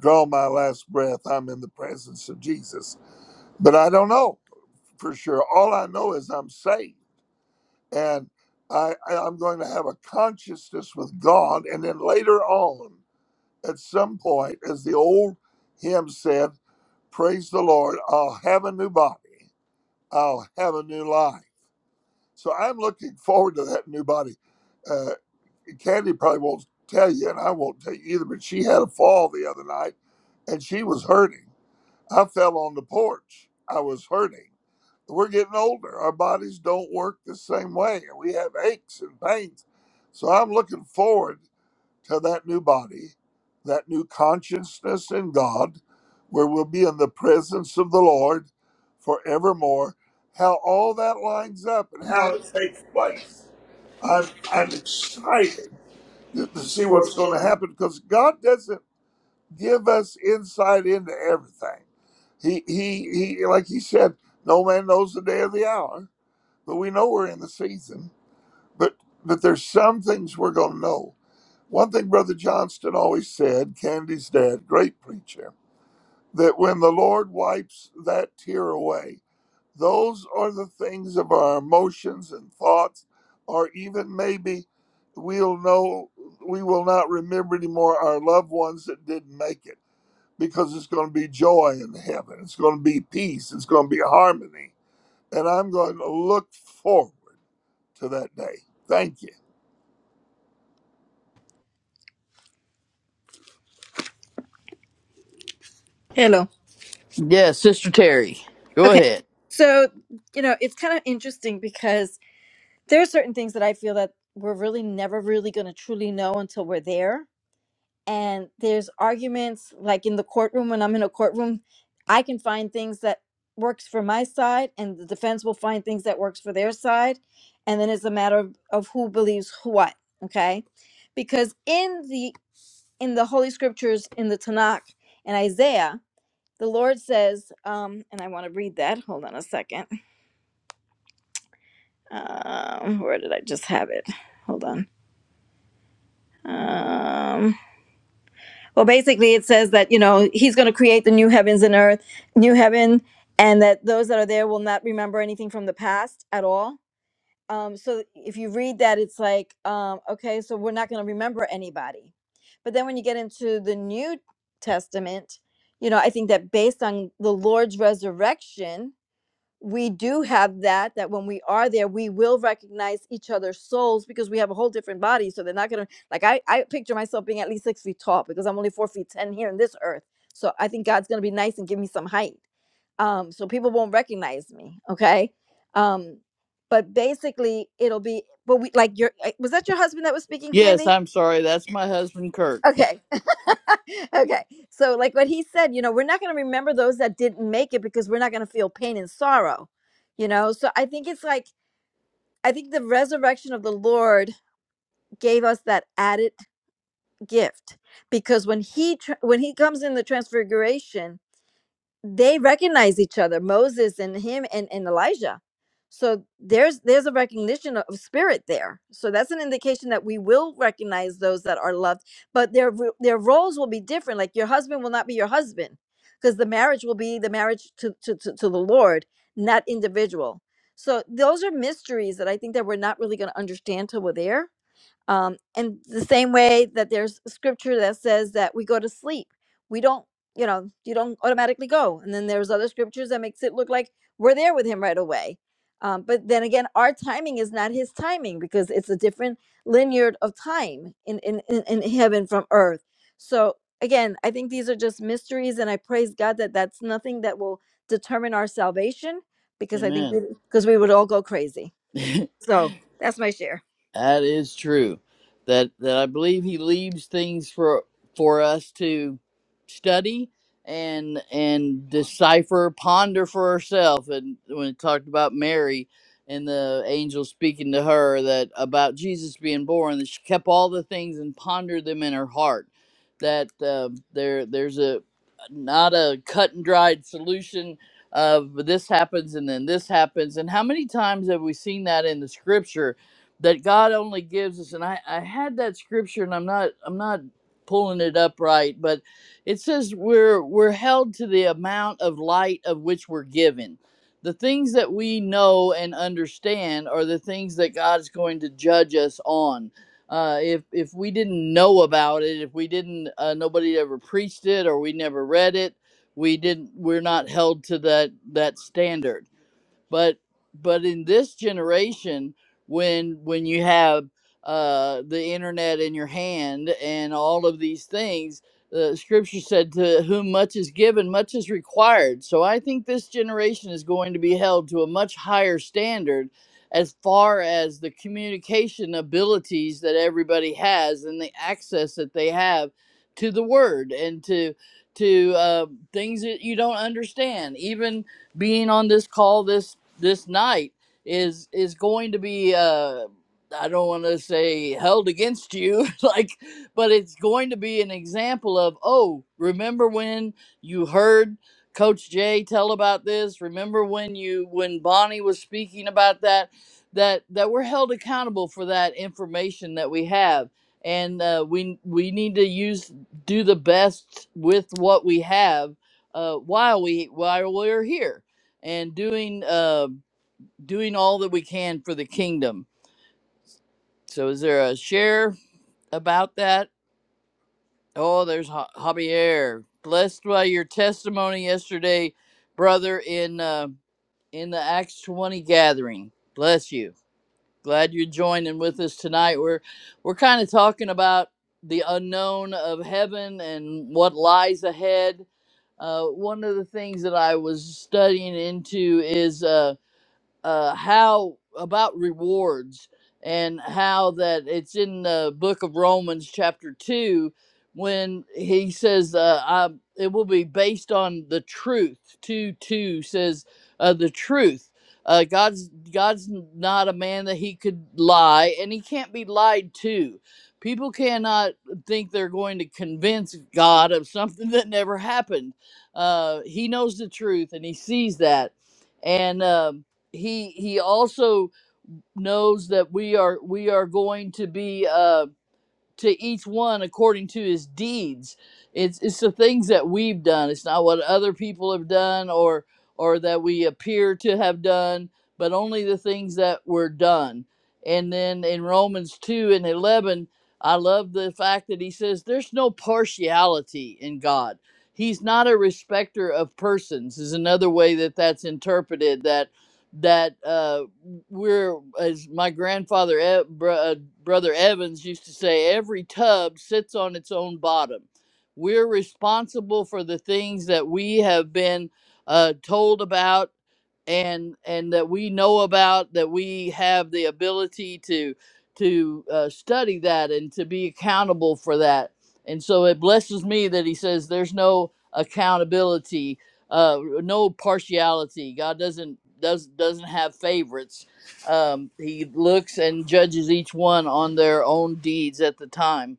[SPEAKER 5] draw my last breath, I'm in the presence of Jesus. But I don't know for sure. All I know is I'm saved, and I, I- I'm going to have a consciousness with God, and then later on at some point, as the old hymn said, Praise the Lord, I'll have a new body, I'll have a new life. So I'm looking forward to that new body. Uh, Candy probably won't tell you, and I won't tell you either, but she had a fall the other night and she was hurting. I fell on the porch. I was hurting. We're getting older. Our bodies don't work the same way, and we have aches and pains. So I'm looking forward to that new body, that new consciousness in God, where we'll be in the presence of the Lord forevermore. How all that lines up and how
[SPEAKER 1] how
[SPEAKER 5] it
[SPEAKER 1] it takes
[SPEAKER 5] plays.
[SPEAKER 1] place. I'm,
[SPEAKER 5] I'm
[SPEAKER 1] I'm
[SPEAKER 5] I'm
[SPEAKER 1] excited
[SPEAKER 5] excited to, to
[SPEAKER 1] to
[SPEAKER 5] see
[SPEAKER 1] see
[SPEAKER 5] what's
[SPEAKER 1] what's
[SPEAKER 5] going
[SPEAKER 1] going
[SPEAKER 5] to
[SPEAKER 1] to happen.
[SPEAKER 5] happen because God doesn't give us insight into everything. He he he like he said, no man knows the day or the hour, but we know we're in the season but but there's some things we're going to know. One thing Brother Johnston always said, Candy's dad, great preacher, that when the Lord wipes that tear away, those are the things of our emotions and thoughts, or even maybe we'll know we will not remember anymore our loved ones that didn't make it because it's going to be joy in heaven. It's going to be peace. It's going to be harmony. And I'm going to look forward to that day. Thank you.
[SPEAKER 7] Hello.
[SPEAKER 1] Yes, Sister Terry, go
[SPEAKER 7] Okay.
[SPEAKER 1] ahead.
[SPEAKER 7] So, you know, it's kind of interesting because there are certain things that I feel that we're really never really going to truly know until we're there. And there's arguments like in the courtroom when I'm in a courtroom, I can find things that works for my side and the defense will find things that works for their side, and then it's a matter of, of who believes what, okay? Because in the in the holy scriptures in the Tanakh and Isaiah, the Lord says, um, and I want to read that. Hold on a second. Um, where did I just have it? Hold on. Um, well, basically, it says that, you know, he's going to create the new heavens and earth, new heaven, and that those that are there will not remember anything from the past at all. Um, so if you read that, it's like, um, okay, so we're not going to remember anybody. But then when you get into the New Testament, you know, I think that based on the Lord's resurrection, we do have that that when we are there we will recognize each other's souls because we have a whole different body so they're not gonna like i i picture myself being at least six feet tall because i'm only four feet ten here in this earth so i think god's gonna be nice and give me some height um so people won't recognize me okay um but basically it'll be but we like your uh, was that your husband that was speaking
[SPEAKER 1] Yes,
[SPEAKER 7] candy
[SPEAKER 1] I'm sorry. That's my husband, Kirk.
[SPEAKER 7] Okay. okay. So, like what he said, you know, we're not going to remember those that didn't make it because we're not going to feel pain and sorrow, you know? So, I think it's like, I think the resurrection of the Lord gave us that added gift because when he tr when he comes in the transfiguration they recognize each other moses and him and, and elijah so there's there's a recognition of spirit there so that's an indication that we will recognize those that are loved but their ro- their roles will be different like your husband will not be your husband because the marriage will be the marriage to, to, to, to the lord not individual so those are mysteries that i think that we're not really going to understand till we're there um, and the same way that there's scripture that says that we go to sleep, we don't, you know, you don't automatically go. And then there's other scriptures that makes it look like we're there with him right away. Um, but then again, our timing is not his timing because it's a different linear of time in, in, in, in heaven from earth. So again, I think these are just mysteries, and I praise God that that's nothing that will determine our salvation because I think
[SPEAKER 1] Amen.
[SPEAKER 7] because we 'cause we would all go crazy. So that's my share.
[SPEAKER 1] That is true. That that I believe he leaves things for for us to study and and decipher, ponder for ourselves. And when it talked about Mary and the angel speaking to her that about Jesus being born, that she kept all the things and pondered them in her heart. That uh, there there's a not a cut and dried solution of this happens and then this happens. And how many times have we seen that in the scripture? that God only gives us, and I, I had that scripture, and I'm not I'm not pulling it up right, but it says we're we're held to the amount of light of which we're given. The things that we know and understand are the things that God's going to judge us on. Uh, if if we didn't know about it, if we didn't, uh, nobody ever preached it, or we never read it, we didn't. We're not held to that that standard but but in this generation when when you have uh the internet in your hand and all of these things the scripture said to whom much is given much is required so i think this generation is going to be held to a much higher standard as far as the communication abilities that everybody has and the access that they have to the word and to to uh, things that you don't understand even being on this call this this night is is going to be uh I don't want to say held against you like but it's going to be an example of oh remember when you heard coach Jay tell about this remember when you when Bonnie was speaking about that that that we're held accountable for that information that we have and uh, we we need to use do the best with what we have uh, while we while we're here and doing uh, doing all that we can for the kingdom. So, is there a share about that? Oh, there's Ja- Javier. Blessed by your testimony yesterday, brother, in uh, in the Acts 20 gathering. Bless you. Glad you're joining with us tonight. We're we're kind of talking about the unknown of heaven and what lies ahead. Uh, one of the things that I was studying into is. Uh, uh, how about rewards and how that it's in the book of Romans, chapter 2, when he says, uh, I, It will be based on the truth. 2 2 says, uh, The truth. Uh, God's God's not a man that he could lie, and he can't be lied to. People cannot think they're going to convince God of something that never happened. Uh, he knows the truth, and he sees that. And um, he he also knows that we are we are going to be uh to each one according to his deeds it's it's the things that we've done it's not what other people have done or or that we appear to have done but only the things that were done and then in romans 2 and 11 i love the fact that he says there's no partiality in god he's not a respecter of persons is another way that that's interpreted that that uh, we're as my grandfather e- br- uh, brother Evans used to say, every tub sits on its own bottom. We're responsible for the things that we have been uh, told about and and that we know about that we have the ability to to uh, study that and to be accountable for that and so it blesses me that he says there's no accountability uh, no partiality god doesn't does doesn't have favorites um, he looks and judges each one on their own deeds at the time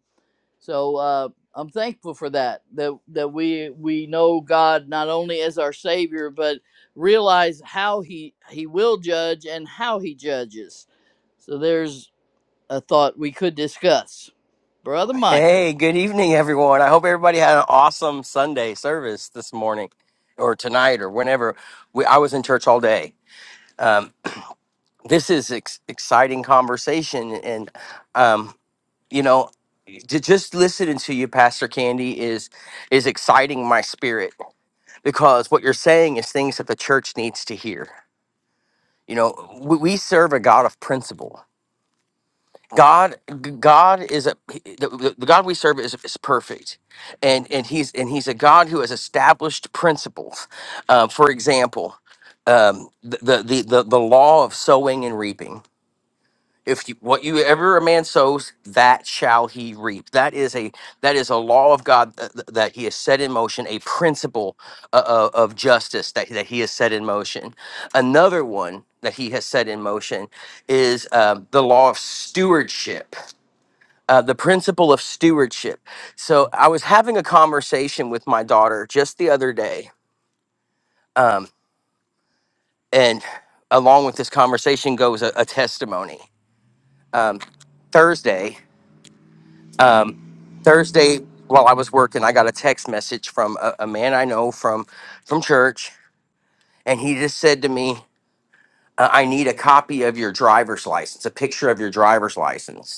[SPEAKER 1] so uh, I'm thankful for that. That that we we know God not only as our Savior, but realize how He He will judge and how He judges. So there's a thought we could discuss, Brother Michael.
[SPEAKER 8] Hey, good evening, everyone. I hope everybody had an awesome Sunday service this morning or tonight or whenever. We, I was in church all day. Um, this is ex- exciting conversation. And, um, you know, to just listening to you, Pastor Candy, is, is exciting my spirit because what you're saying is things that the church needs to hear. You know, we, we serve a God of principle God, g- God is a he- the, the the God we serve is, is perfect, and and he's and he's a God who has established principles. Uh, for example, um, the, the the the the law of sowing and reaping. If you, what you ever a man sows, that shall he reap. That is a that is a law of God th- th- that He has set in motion, a principle uh, uh, of justice that that He has set in motion. Another one that He has set in motion is uh, the law of stewardship uh, the principle of stewardship. So I was having a conversation with my daughter just the other day, um, and along with this conversation goes a, a testimony. Thursday, Thursday, while I was working, I got a text message from a, a man I know from from church, and he just said to me, uh, "I need a copy of your driver's license, a picture of your driver's license."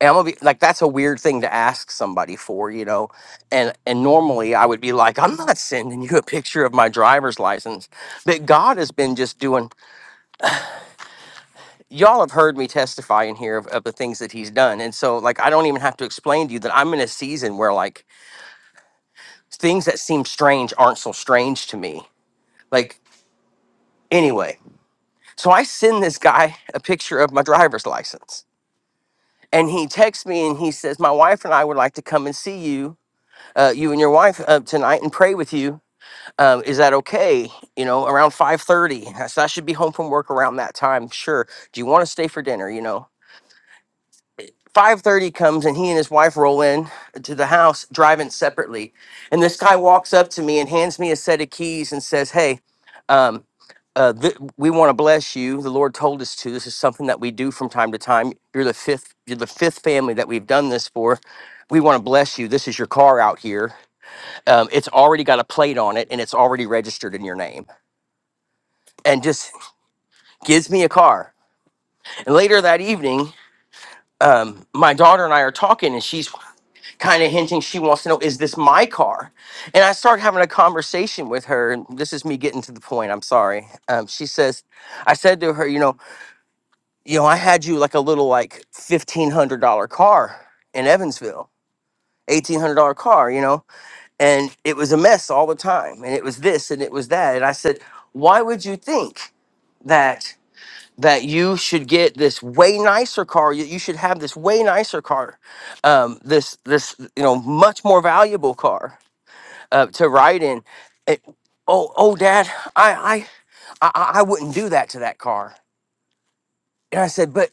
[SPEAKER 8] And I'm gonna be like, that's a weird thing to ask somebody for, you know. And and normally I would be like, I'm not sending you a picture of my driver's license. But God has been just doing. Y'all have heard me testify in here of, of the things that He's done, and so like I don't even have to explain to you that I'm in a season where like things that seem strange aren't so strange to me. Like anyway, so I send this guy a picture of my driver's license, and he texts me and he says, my wife and I would like to come and see you uh, you and your wife uh, tonight and pray with you. um, is that okay? You know, around five thirty. So I should be home from work around that time. Sure. Do you want to stay for dinner? You know, five thirty comes and he and his wife roll in to the house, driving separately. And this guy walks up to me and hands me a set of keys and says, "Hey, um, uh, th- we want to bless you. The Lord told us to. This is something that we do from time to time. You're the fifth. You're the fifth family that we've done this for." We want to bless you. This is your car out here. Um, it's already got a plate on it and it's already registered in your name and just gives me a car. And later that evening, um, my daughter and I are talking, and she's kind of hinting she wants to know, is this my car? And I start having a conversation with her. And this is me getting to the point. I'm sorry. Um, she says, I said to her, you know, you know, I had you like a little like fifteen hundred dollar car in Evansville. Eighteen hundred dollar car, you know, and it was a mess all the time, and it was this and it was that, and I said, why would you think that? that you should get this way nicer car. You, you should have this way nicer car, um, this this you know much more valuable car uh, to ride in. It- oh oh, Dad, I I I I wouldn't do that to that car. And I said, but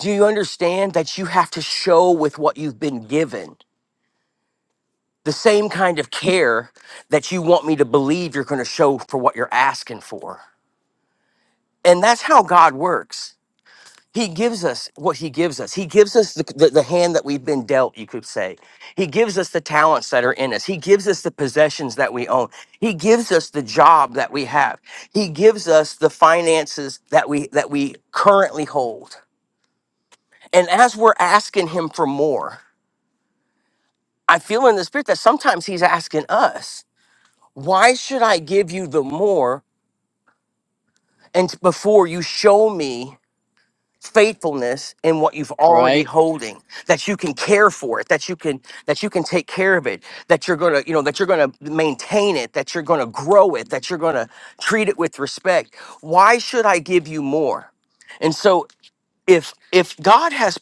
[SPEAKER 8] do you understand that you have to show with what you've been given the same kind of care that you want me to believe you're going to show for what you're asking for? And that's how God works He gives us what he gives us. He gives us the, the, the hand that we've been dealt, you could say. He gives us the talents that are in us. He gives us the possessions that we own. He gives us the job that we have. He gives us the finances that we that we currently hold. And as we're asking him for more, I feel in the spirit that sometimes he's asking us, why should I give you the more and before you show me faithfulness in what you've already
[SPEAKER 1] Right?
[SPEAKER 8] holding that you can care for it that you can that you can take care of it that you're going to you know that you're going to maintain it that you're going to grow it that you're going to treat it with respect why should i give you more and so if if god has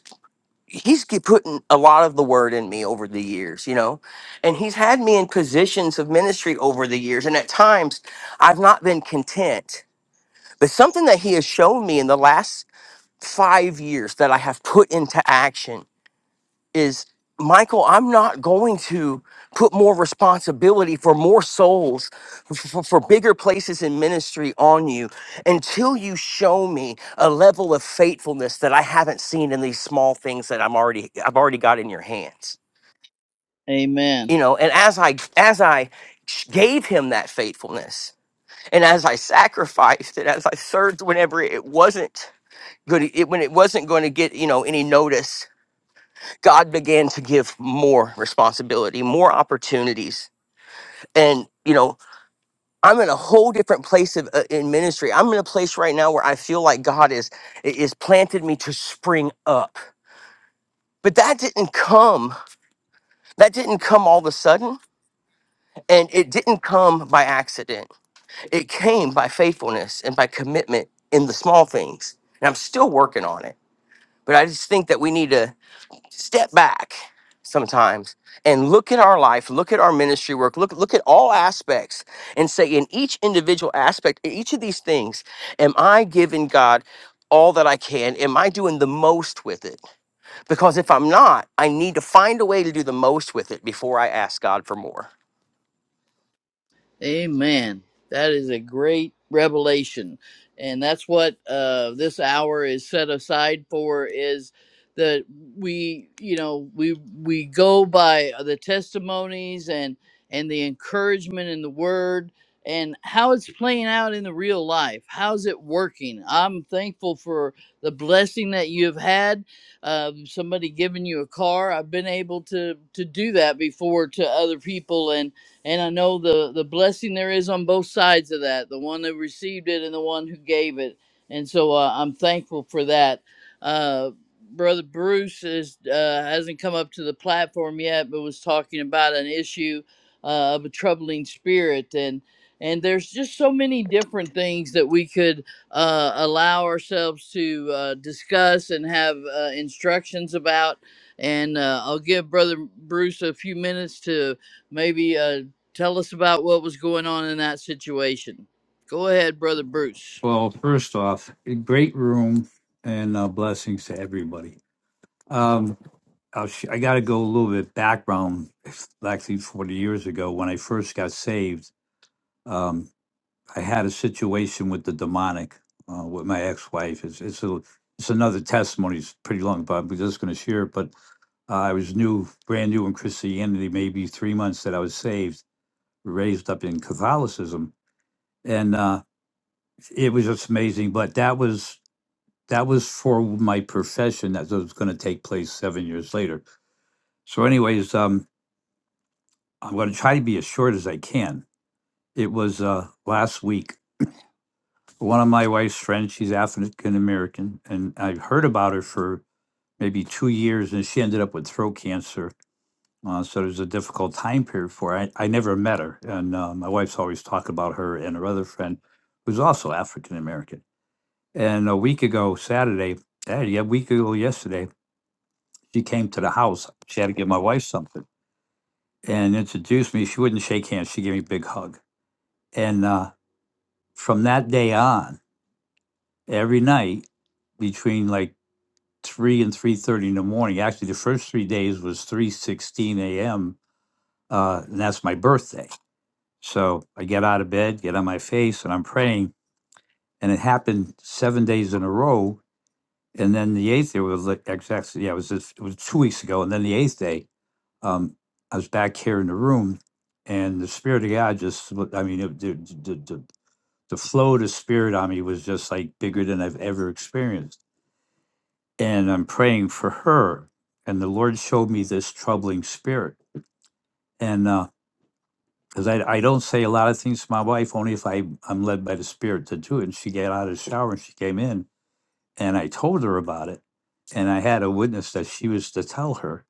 [SPEAKER 8] he's ge- putting a lot of the word in me over the years you know and he's had me in positions of ministry over the years and at times i've not been content but something that he has shown me in the last five years that I have put into action is Michael, I'm not going to put more responsibility for more souls, for, for bigger places in ministry on you until you show me a level of faithfulness that I haven't seen in these small things that I'm already I've already got in your hands.
[SPEAKER 1] Amen.
[SPEAKER 8] You know, and as I as I gave him that faithfulness, and as I sacrificed, and as I served whenever it wasn't good, it, when it wasn't going to get you know any notice, God began to give more responsibility, more opportunities. And, you know, I'm in a whole different place of, uh, in ministry. I'm in a place right now where I feel like God is is planted me to spring up. But that didn't come. That didn't come all of a sudden, and it didn't come by accident. It came by faithfulness and by commitment in the small things. And I'm still working on it. But I just think that we need to step back sometimes and look at our life, look at our ministry work, look look at all aspects and say in each individual aspect, in each of these things, am I giving God all that I can? Am I doing the most with it? Because if I'm not, I need to find a way to do the most with it before I ask God for more.
[SPEAKER 1] Amen. That is a great revelation. And that's what uh, this hour is set aside for is that we, you know, we we go by the testimonies and and the encouragement in the word and how it's playing out in the real life. How's it working? I'm thankful for the blessing that you have had. Um, somebody giving you a car. I've been able to to do that before to other people and and I know the the blessing there is on both sides of that, the one that received it and the one who gave it, and so uh, I'm thankful for that. Uh, Brother Bruce is uh, hasn't come up to the platform yet, but was talking about an issue uh, of a troubling spirit and. And there's just so many different things that we could uh, allow ourselves to uh, discuss and have uh, instructions about. And uh, I'll give Brother Bruce a few minutes to maybe uh, Tell us about what was going on in that situation. Go ahead, brother Bruce.
[SPEAKER 9] Well, first off, a great room and uh, blessings to everybody. Um, I'll sh- I got to go a little bit background. Actually, 40 years ago, when I first got saved, um, I had a situation with the demonic uh, with my ex-wife. It's it's, a, it's another testimony. It's pretty long, but I'm just going to share it. But uh, I was new, brand new in Christianity, maybe three months that I was saved, raised up in Catholicism, and uh, it was just amazing. But that was that was for my profession that was going to take place seven years later so anyways um i'm going to try to be as short as i can it was uh last week one of my wife's friends she's african american and i've heard about her for maybe two years and she ended up with throat cancer uh, so there's a difficult time period for her. I, I never met her and uh, my wife's always talked about her and her other friend who's also african american and a week ago saturday yeah, yeah, a week ago yesterday She came to the house. She had to give my wife something and introduced me. She wouldn't shake hands. She gave me a big hug. And uh, from that day on, every night between like three and three thirty in the morning. Actually, the first three days was three sixteen a.m. Uh, and that's my birthday. So I get out of bed, get on my face, and I'm praying. And it happened seven days in a row. And then the eighth day was like exactly yeah, it was just, it was two weeks ago. And then the eighth day, um, I was back here in the room, and the spirit of God just, looked- I mean, it, the, the, the, the flow of the spirit on me was just like bigger than I've ever experienced. And I'm praying for her. And the Lord showed me this troubling spirit. And because I, I don't say a lot of things to my wife, only if I, I'm led by the spirit to do it. And she got out of the shower and she came in, and I told her about it. And I had a witness that she was to tell her.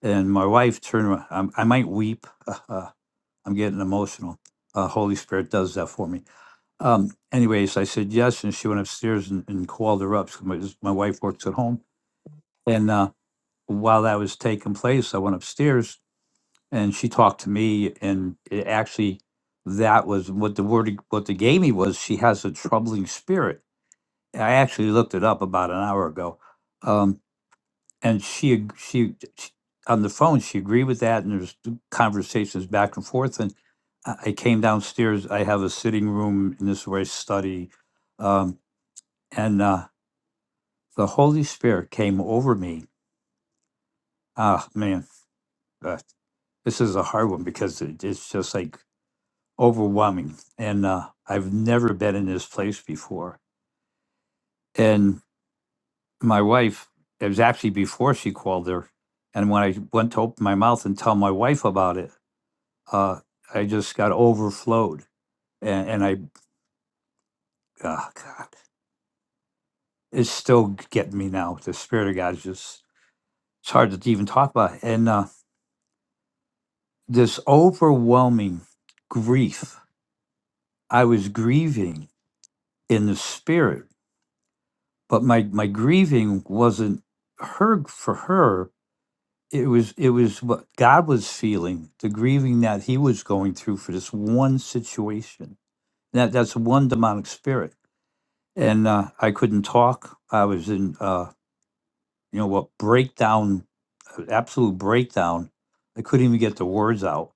[SPEAKER 9] And my wife turned around. I, I might weep. I'm getting emotional. Uh, Holy Spirit does that for me. Um, anyways, I said yes, and she went upstairs and, and called her up. 'cause My, my wife works at home, and uh, while that was taking place, I went upstairs and she talked to me, and it actually that was what the word what they gave me was she has a troubling spirit. I actually looked it up about an hour ago. Um, and she ag- she, she on the phone she agreed with that and there's conversations back and forth and i I came downstairs i have a sitting room and this is where i study um, and uh, the holy spirit came over me ah man uh, this is a hard one because it, it's just like overwhelming and uh, i've never been in this place before and my wife it was actually before she called her and when i went to open my mouth and tell my wife about it uh, I just got overflowed, and, and I, uh, God, it's still getting me now. The spirit of God is just it's hard to even talk about, and uh, this overwhelming grief. I was grieving in the spirit, but my my grieving wasn't her for her. It was it was what God was feeling, the grieving that He was going through for this one situation. That that's one demonic spirit, and uh, I couldn't talk. I was in. Uh, you know what breakdown uh, absolute breakdown i couldn't even get the words out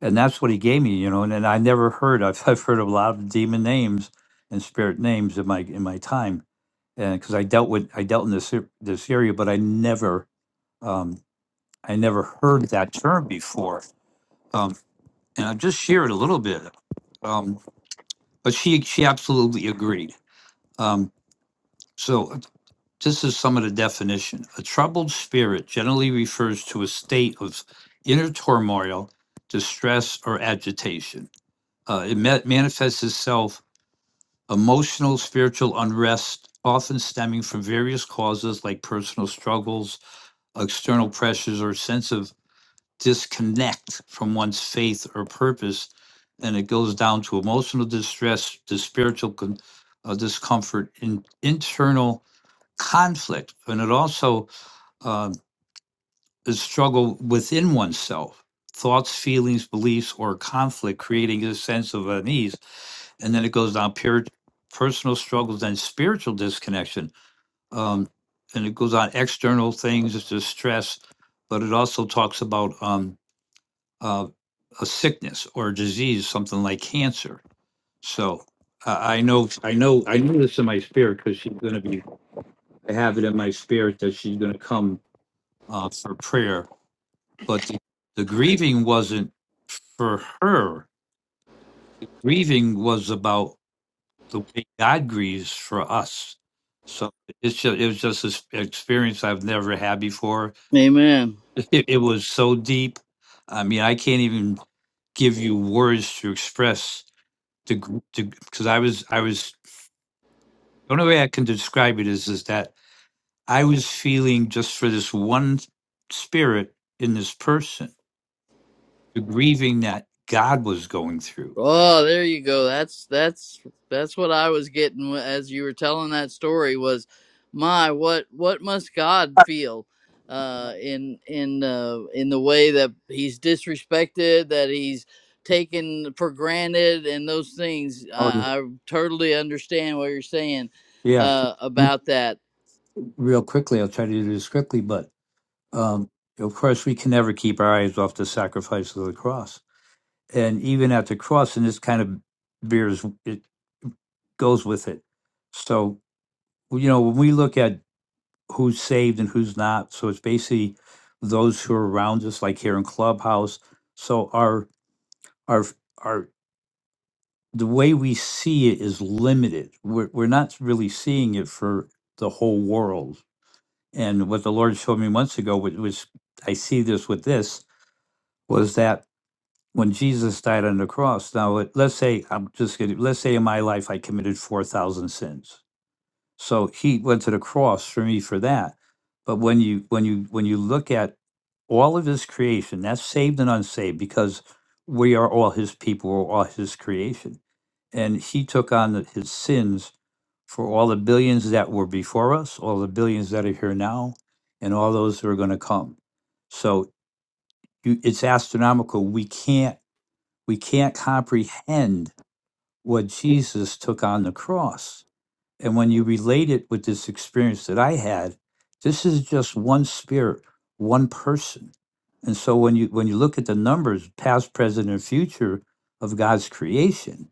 [SPEAKER 9] and that's what he gave me you know and, and i never heard I've, I've heard a lot of demon names and spirit names in my in my time and because i dealt with i dealt in this ar- this area but i never um i never heard that term before um and i'll just share it a little bit um but she she absolutely agreed um so This is some of the definition. A troubled spirit generally refers to a state of inner turmoil, distress, or agitation. Uh, it ma- manifests itself emotional, spiritual unrest, often stemming from various causes like personal struggles, external pressures, or sense of disconnect from one's faith or purpose. And it goes down to emotional distress, to spiritual con- uh, discomfort, in- internal conflict, and it also uh, a struggle within oneself thoughts feelings beliefs or conflict creating a sense of unease and then it goes down pure personal struggles then spiritual disconnection um, and it goes on external things it's just stress but it also talks about um, uh, a sickness or a disease something like cancer so I I know, I know, I knew this in my spirit because she's going to be. I have it in my spirit that she's going to come uh, for prayer but the, the grieving wasn't for her. Grieving was about the way God grieves for us. So it's just it was just an experience I've never had before.
[SPEAKER 1] Amen.
[SPEAKER 9] It, it was so deep. I mean, I can't even give you words to express the because I was I was the only way I can describe it is is that I was feeling just for this one spirit in this person, the grieving that God was going through
[SPEAKER 1] Oh, there you go. That's that's that's what I was getting as you were telling that story. Was my what what must God feel uh, in in uh, in the way that He's disrespected, that He's taken for granted, and those things. I, I totally understand what you're saying
[SPEAKER 9] Yeah,
[SPEAKER 1] uh, about that
[SPEAKER 9] real quickly, I'll try to do this quickly, but um, of course, we can never keep our eyes off the sacrifice of the cross. And even at the cross, and this kind of bears it goes with it. So, you know, when we look at who's saved and who's not, so it's basically those who are around us, like here in Clubhouse. So our our our the way we see it is limited. We're we're not really seeing it for the whole world And what the Lord showed me months ago, which was I see this with this, was that when Jesus died on the cross, now let- let's say I'm just gonna let's say in my life I committed four thousand sins so he went to the cross for me for that. But when you when you when you look at all of his creation, that's saved and unsaved, because we are all his people, we're all his creation. And he took on the- his sins for all the billions that were before us, all the billions that are here now, and all those that are going to come. So you, it's astronomical. We can't we can't comprehend what Jesus took on the cross and when you relate it with this experience that I had, this is just one spirit, one person. And so when you when you look at the numbers, past, present, and future of God's creation,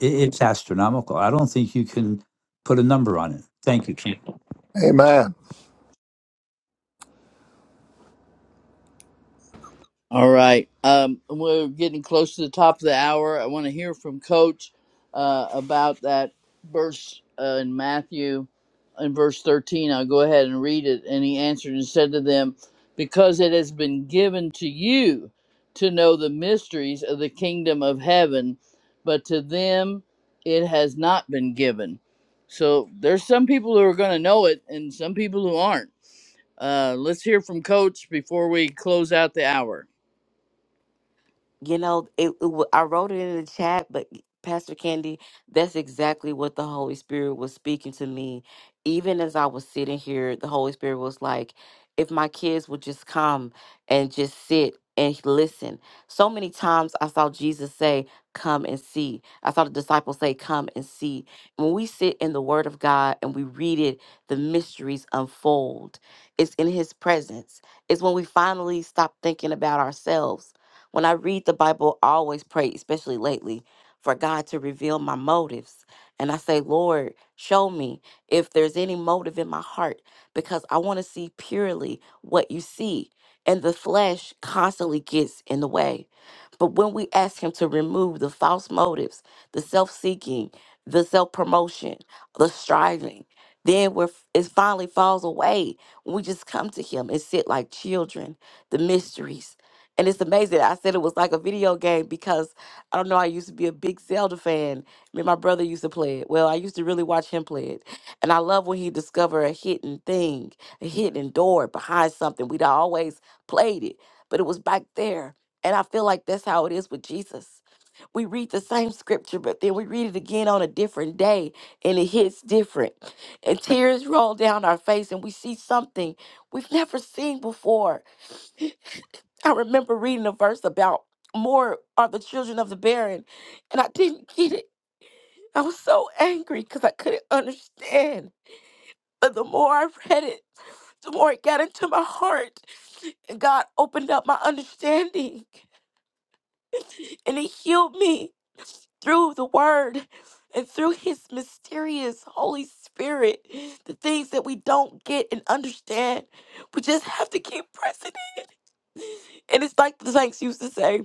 [SPEAKER 9] it, it's astronomical. I don't think you can put a number on it. Thank you. Keith.
[SPEAKER 5] Amen.
[SPEAKER 1] All right. Um, we're getting close to the top of the hour. I want to hear from Coach uh, about that verse uh, in Matthew in verse 13. I'll go ahead and read it. And he answered and said to them, Because it has been given to you to know the mysteries of the kingdom of heaven, but to them it has not been given. So there's some people who are going to know it and some people who aren't. Uh, let's hear from Coach before we close out the hour.
[SPEAKER 6] You know, it, it, wa- I wrote it in the chat, but Pastor Candy, that's exactly what the Holy Spirit was speaking to me. Even as I was sitting here, the Holy Spirit was like, if my kids would just come and just sit and listen. So many times I saw Jesus say, Come and see. I saw the disciples say, Come and see. When we sit in the Word of God and we read it, the mysteries unfold. It's in His presence. It's when we finally stop thinking about ourselves when I read the Bible, I always pray, especially lately, for God to reveal my motives. And I say, Lord, show me if there's any motive in my heart because I want to see purely what you see. And the flesh constantly gets in the way. But when we ask Him to remove the false motives, the self seeking, the self promotion, the striving, then we're, f- it finally falls away. We just come to Him and sit like children, the mysteries and it's amazing. I said it was like a video game because I don't know. I used to be a big Zelda fan. Me and my brother used to play it. Well, I used to really watch him play it. And I love when he discovered a hidden thing, a hidden door behind something. We'd always played it, but it was back there. And I feel like that's how it is with Jesus. We read the same scripture, but then we read it again on a different day and it hits different. And tears roll down our face and we see something we've never seen before I remember reading a verse about more are the children of the barren, and I didn't get it. I was so angry because I couldn't understand. But the more I read it, the more it got into my heart. And God opened up my understanding and He healed me through the Word and through His mysterious Holy Spirit. The things that we don't get and understand, we just have to keep pressing. And it's like the saints used to say,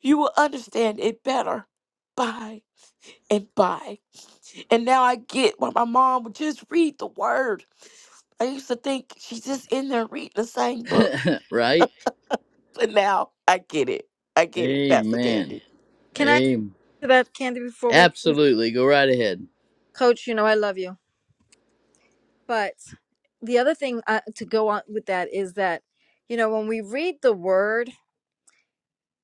[SPEAKER 6] you will understand it better by and by. And now I get why my mom would just read the word. I used to think she's just in there reading the same book.
[SPEAKER 1] right?
[SPEAKER 6] But now I get it. I get it, Pastor Candy.
[SPEAKER 1] Amen.
[SPEAKER 7] Can I?
[SPEAKER 1] Amen.
[SPEAKER 7] to that candy before we leave
[SPEAKER 1] Absolutely. Go right ahead.
[SPEAKER 7] coach you know i love you but the other thing uh, to go on with that is that you know when we read the word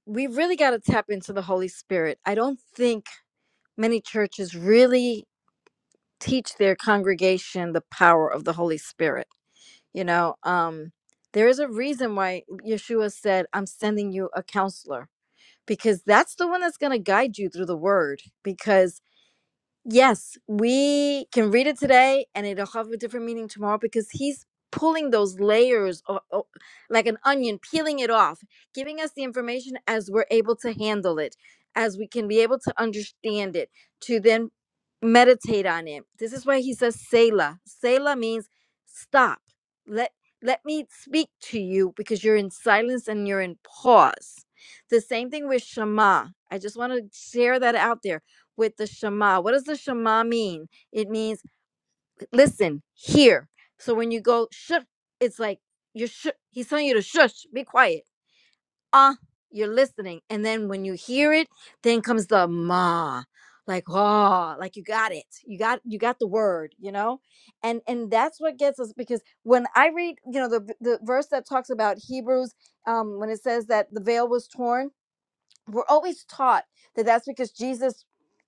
[SPEAKER 7] we really got to tap into the holy spirit i don't think many churches really teach their congregation the power of the holy spirit you know um there is a reason why yeshua said i'm sending you a counselor because that's the one that's going to guide you through the word because Yes, we can read it today and it'll have a different meaning tomorrow because he's pulling those layers of, o- like an onion, peeling it off, giving us the information as we're able to handle it, as we can be able to understand it, to then meditate on it. This is why he says Selah. Selah means stop. Let let me speak to you because you're in silence and you're in pause. The same thing with Shema. I just want to share that out there with the Shema. What does the Shema mean? It means listen, hear. So when you go shh, it's like you're shh. He's telling you to shush, be quiet. Ah, uh, you're listening. And then when you hear it, then comes the ma. Like, oh, like you got it. You got you got the word, you know? And and that's what gets us because when I read, you know, the the verse that talks about Hebrews, um, when it says that the veil was torn, we're always taught that that's because Jesus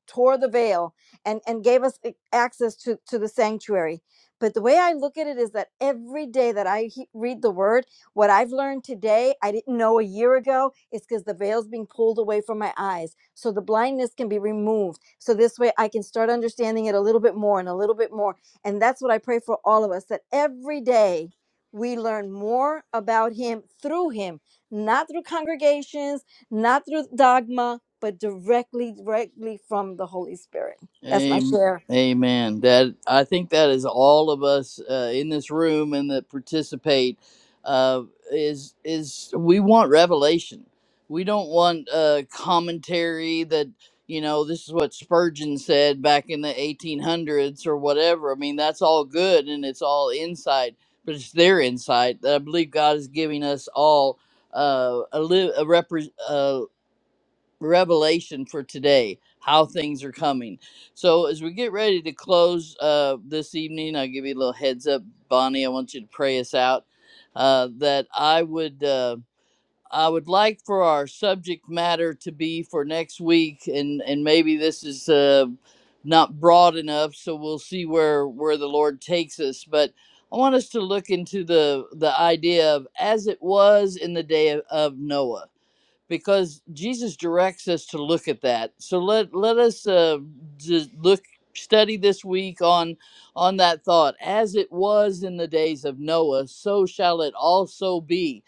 [SPEAKER 7] tore the veil and and gave us a- access to to the sanctuary but the way i look at it is that every day that i he- read the word what i've learned today i didn't know a year ago it's because the veil's being pulled away from my eyes so the blindness can be removed so this way i can start understanding it a little bit more and a little bit more and that's what i pray for all of us that every day we learn more about him through him not through congregations not through dogma, but directly, directly from the Holy Spirit. That's my
[SPEAKER 1] Am-
[SPEAKER 7] share.
[SPEAKER 1] Amen. That I think that is all of us uh, in this room and that participate uh, is is we want revelation. We don't want uh, commentary that you know this is what Spurgeon said back in the 1800s or whatever. I mean that's all good and it's all insight, but it's their insight that I believe God is giving us all uh, a, li- a represent revelation for today how things are coming so as we get ready to close uh, this evening i'll give you a little heads up bonnie i want you to pray us out uh, that i would uh, i would like for our subject matter to be for next week and and maybe this is uh, not broad enough so we'll see where where the lord takes us but i want us to look into the the idea of as it was in the day of, of noah because Jesus directs us to look at that. So let let us uh, just look study this week on on that thought. As it was in the days of Noah, so shall it also be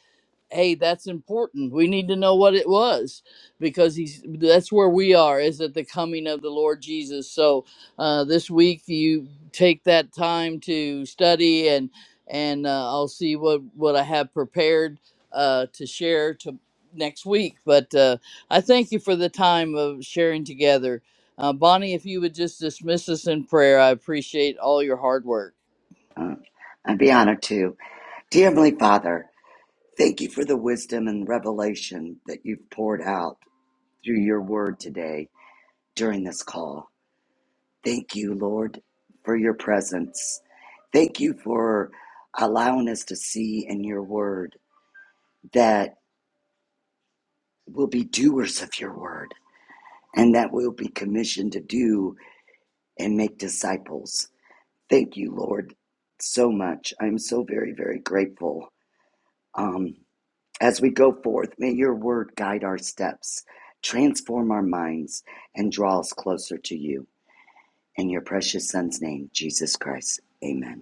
[SPEAKER 1] hey that's important we need to know what it was because he's that's where we are is at the coming of the lord jesus so uh, this week you take that time to study and and uh, i'll see what what i have prepared uh, to share to next week but uh, i thank you for the time of sharing together uh, bonnie if you would just dismiss us in prayer i appreciate all your hard work
[SPEAKER 2] i'd be honored to dear heavenly father thank you for the wisdom and revelation that you've poured out through your word today during this call Thank you, Lord, for your presence. Thank you for allowing us to see in your word that we'll be doers of your word and that we'll be commissioned to do and make disciples. Thank you, Lord, so much. I'm so very, very grateful. Um, as we go forth, may your word guide our steps, transform our minds, and draw us closer to you. In your precious Son's name, Jesus Christ. Amen.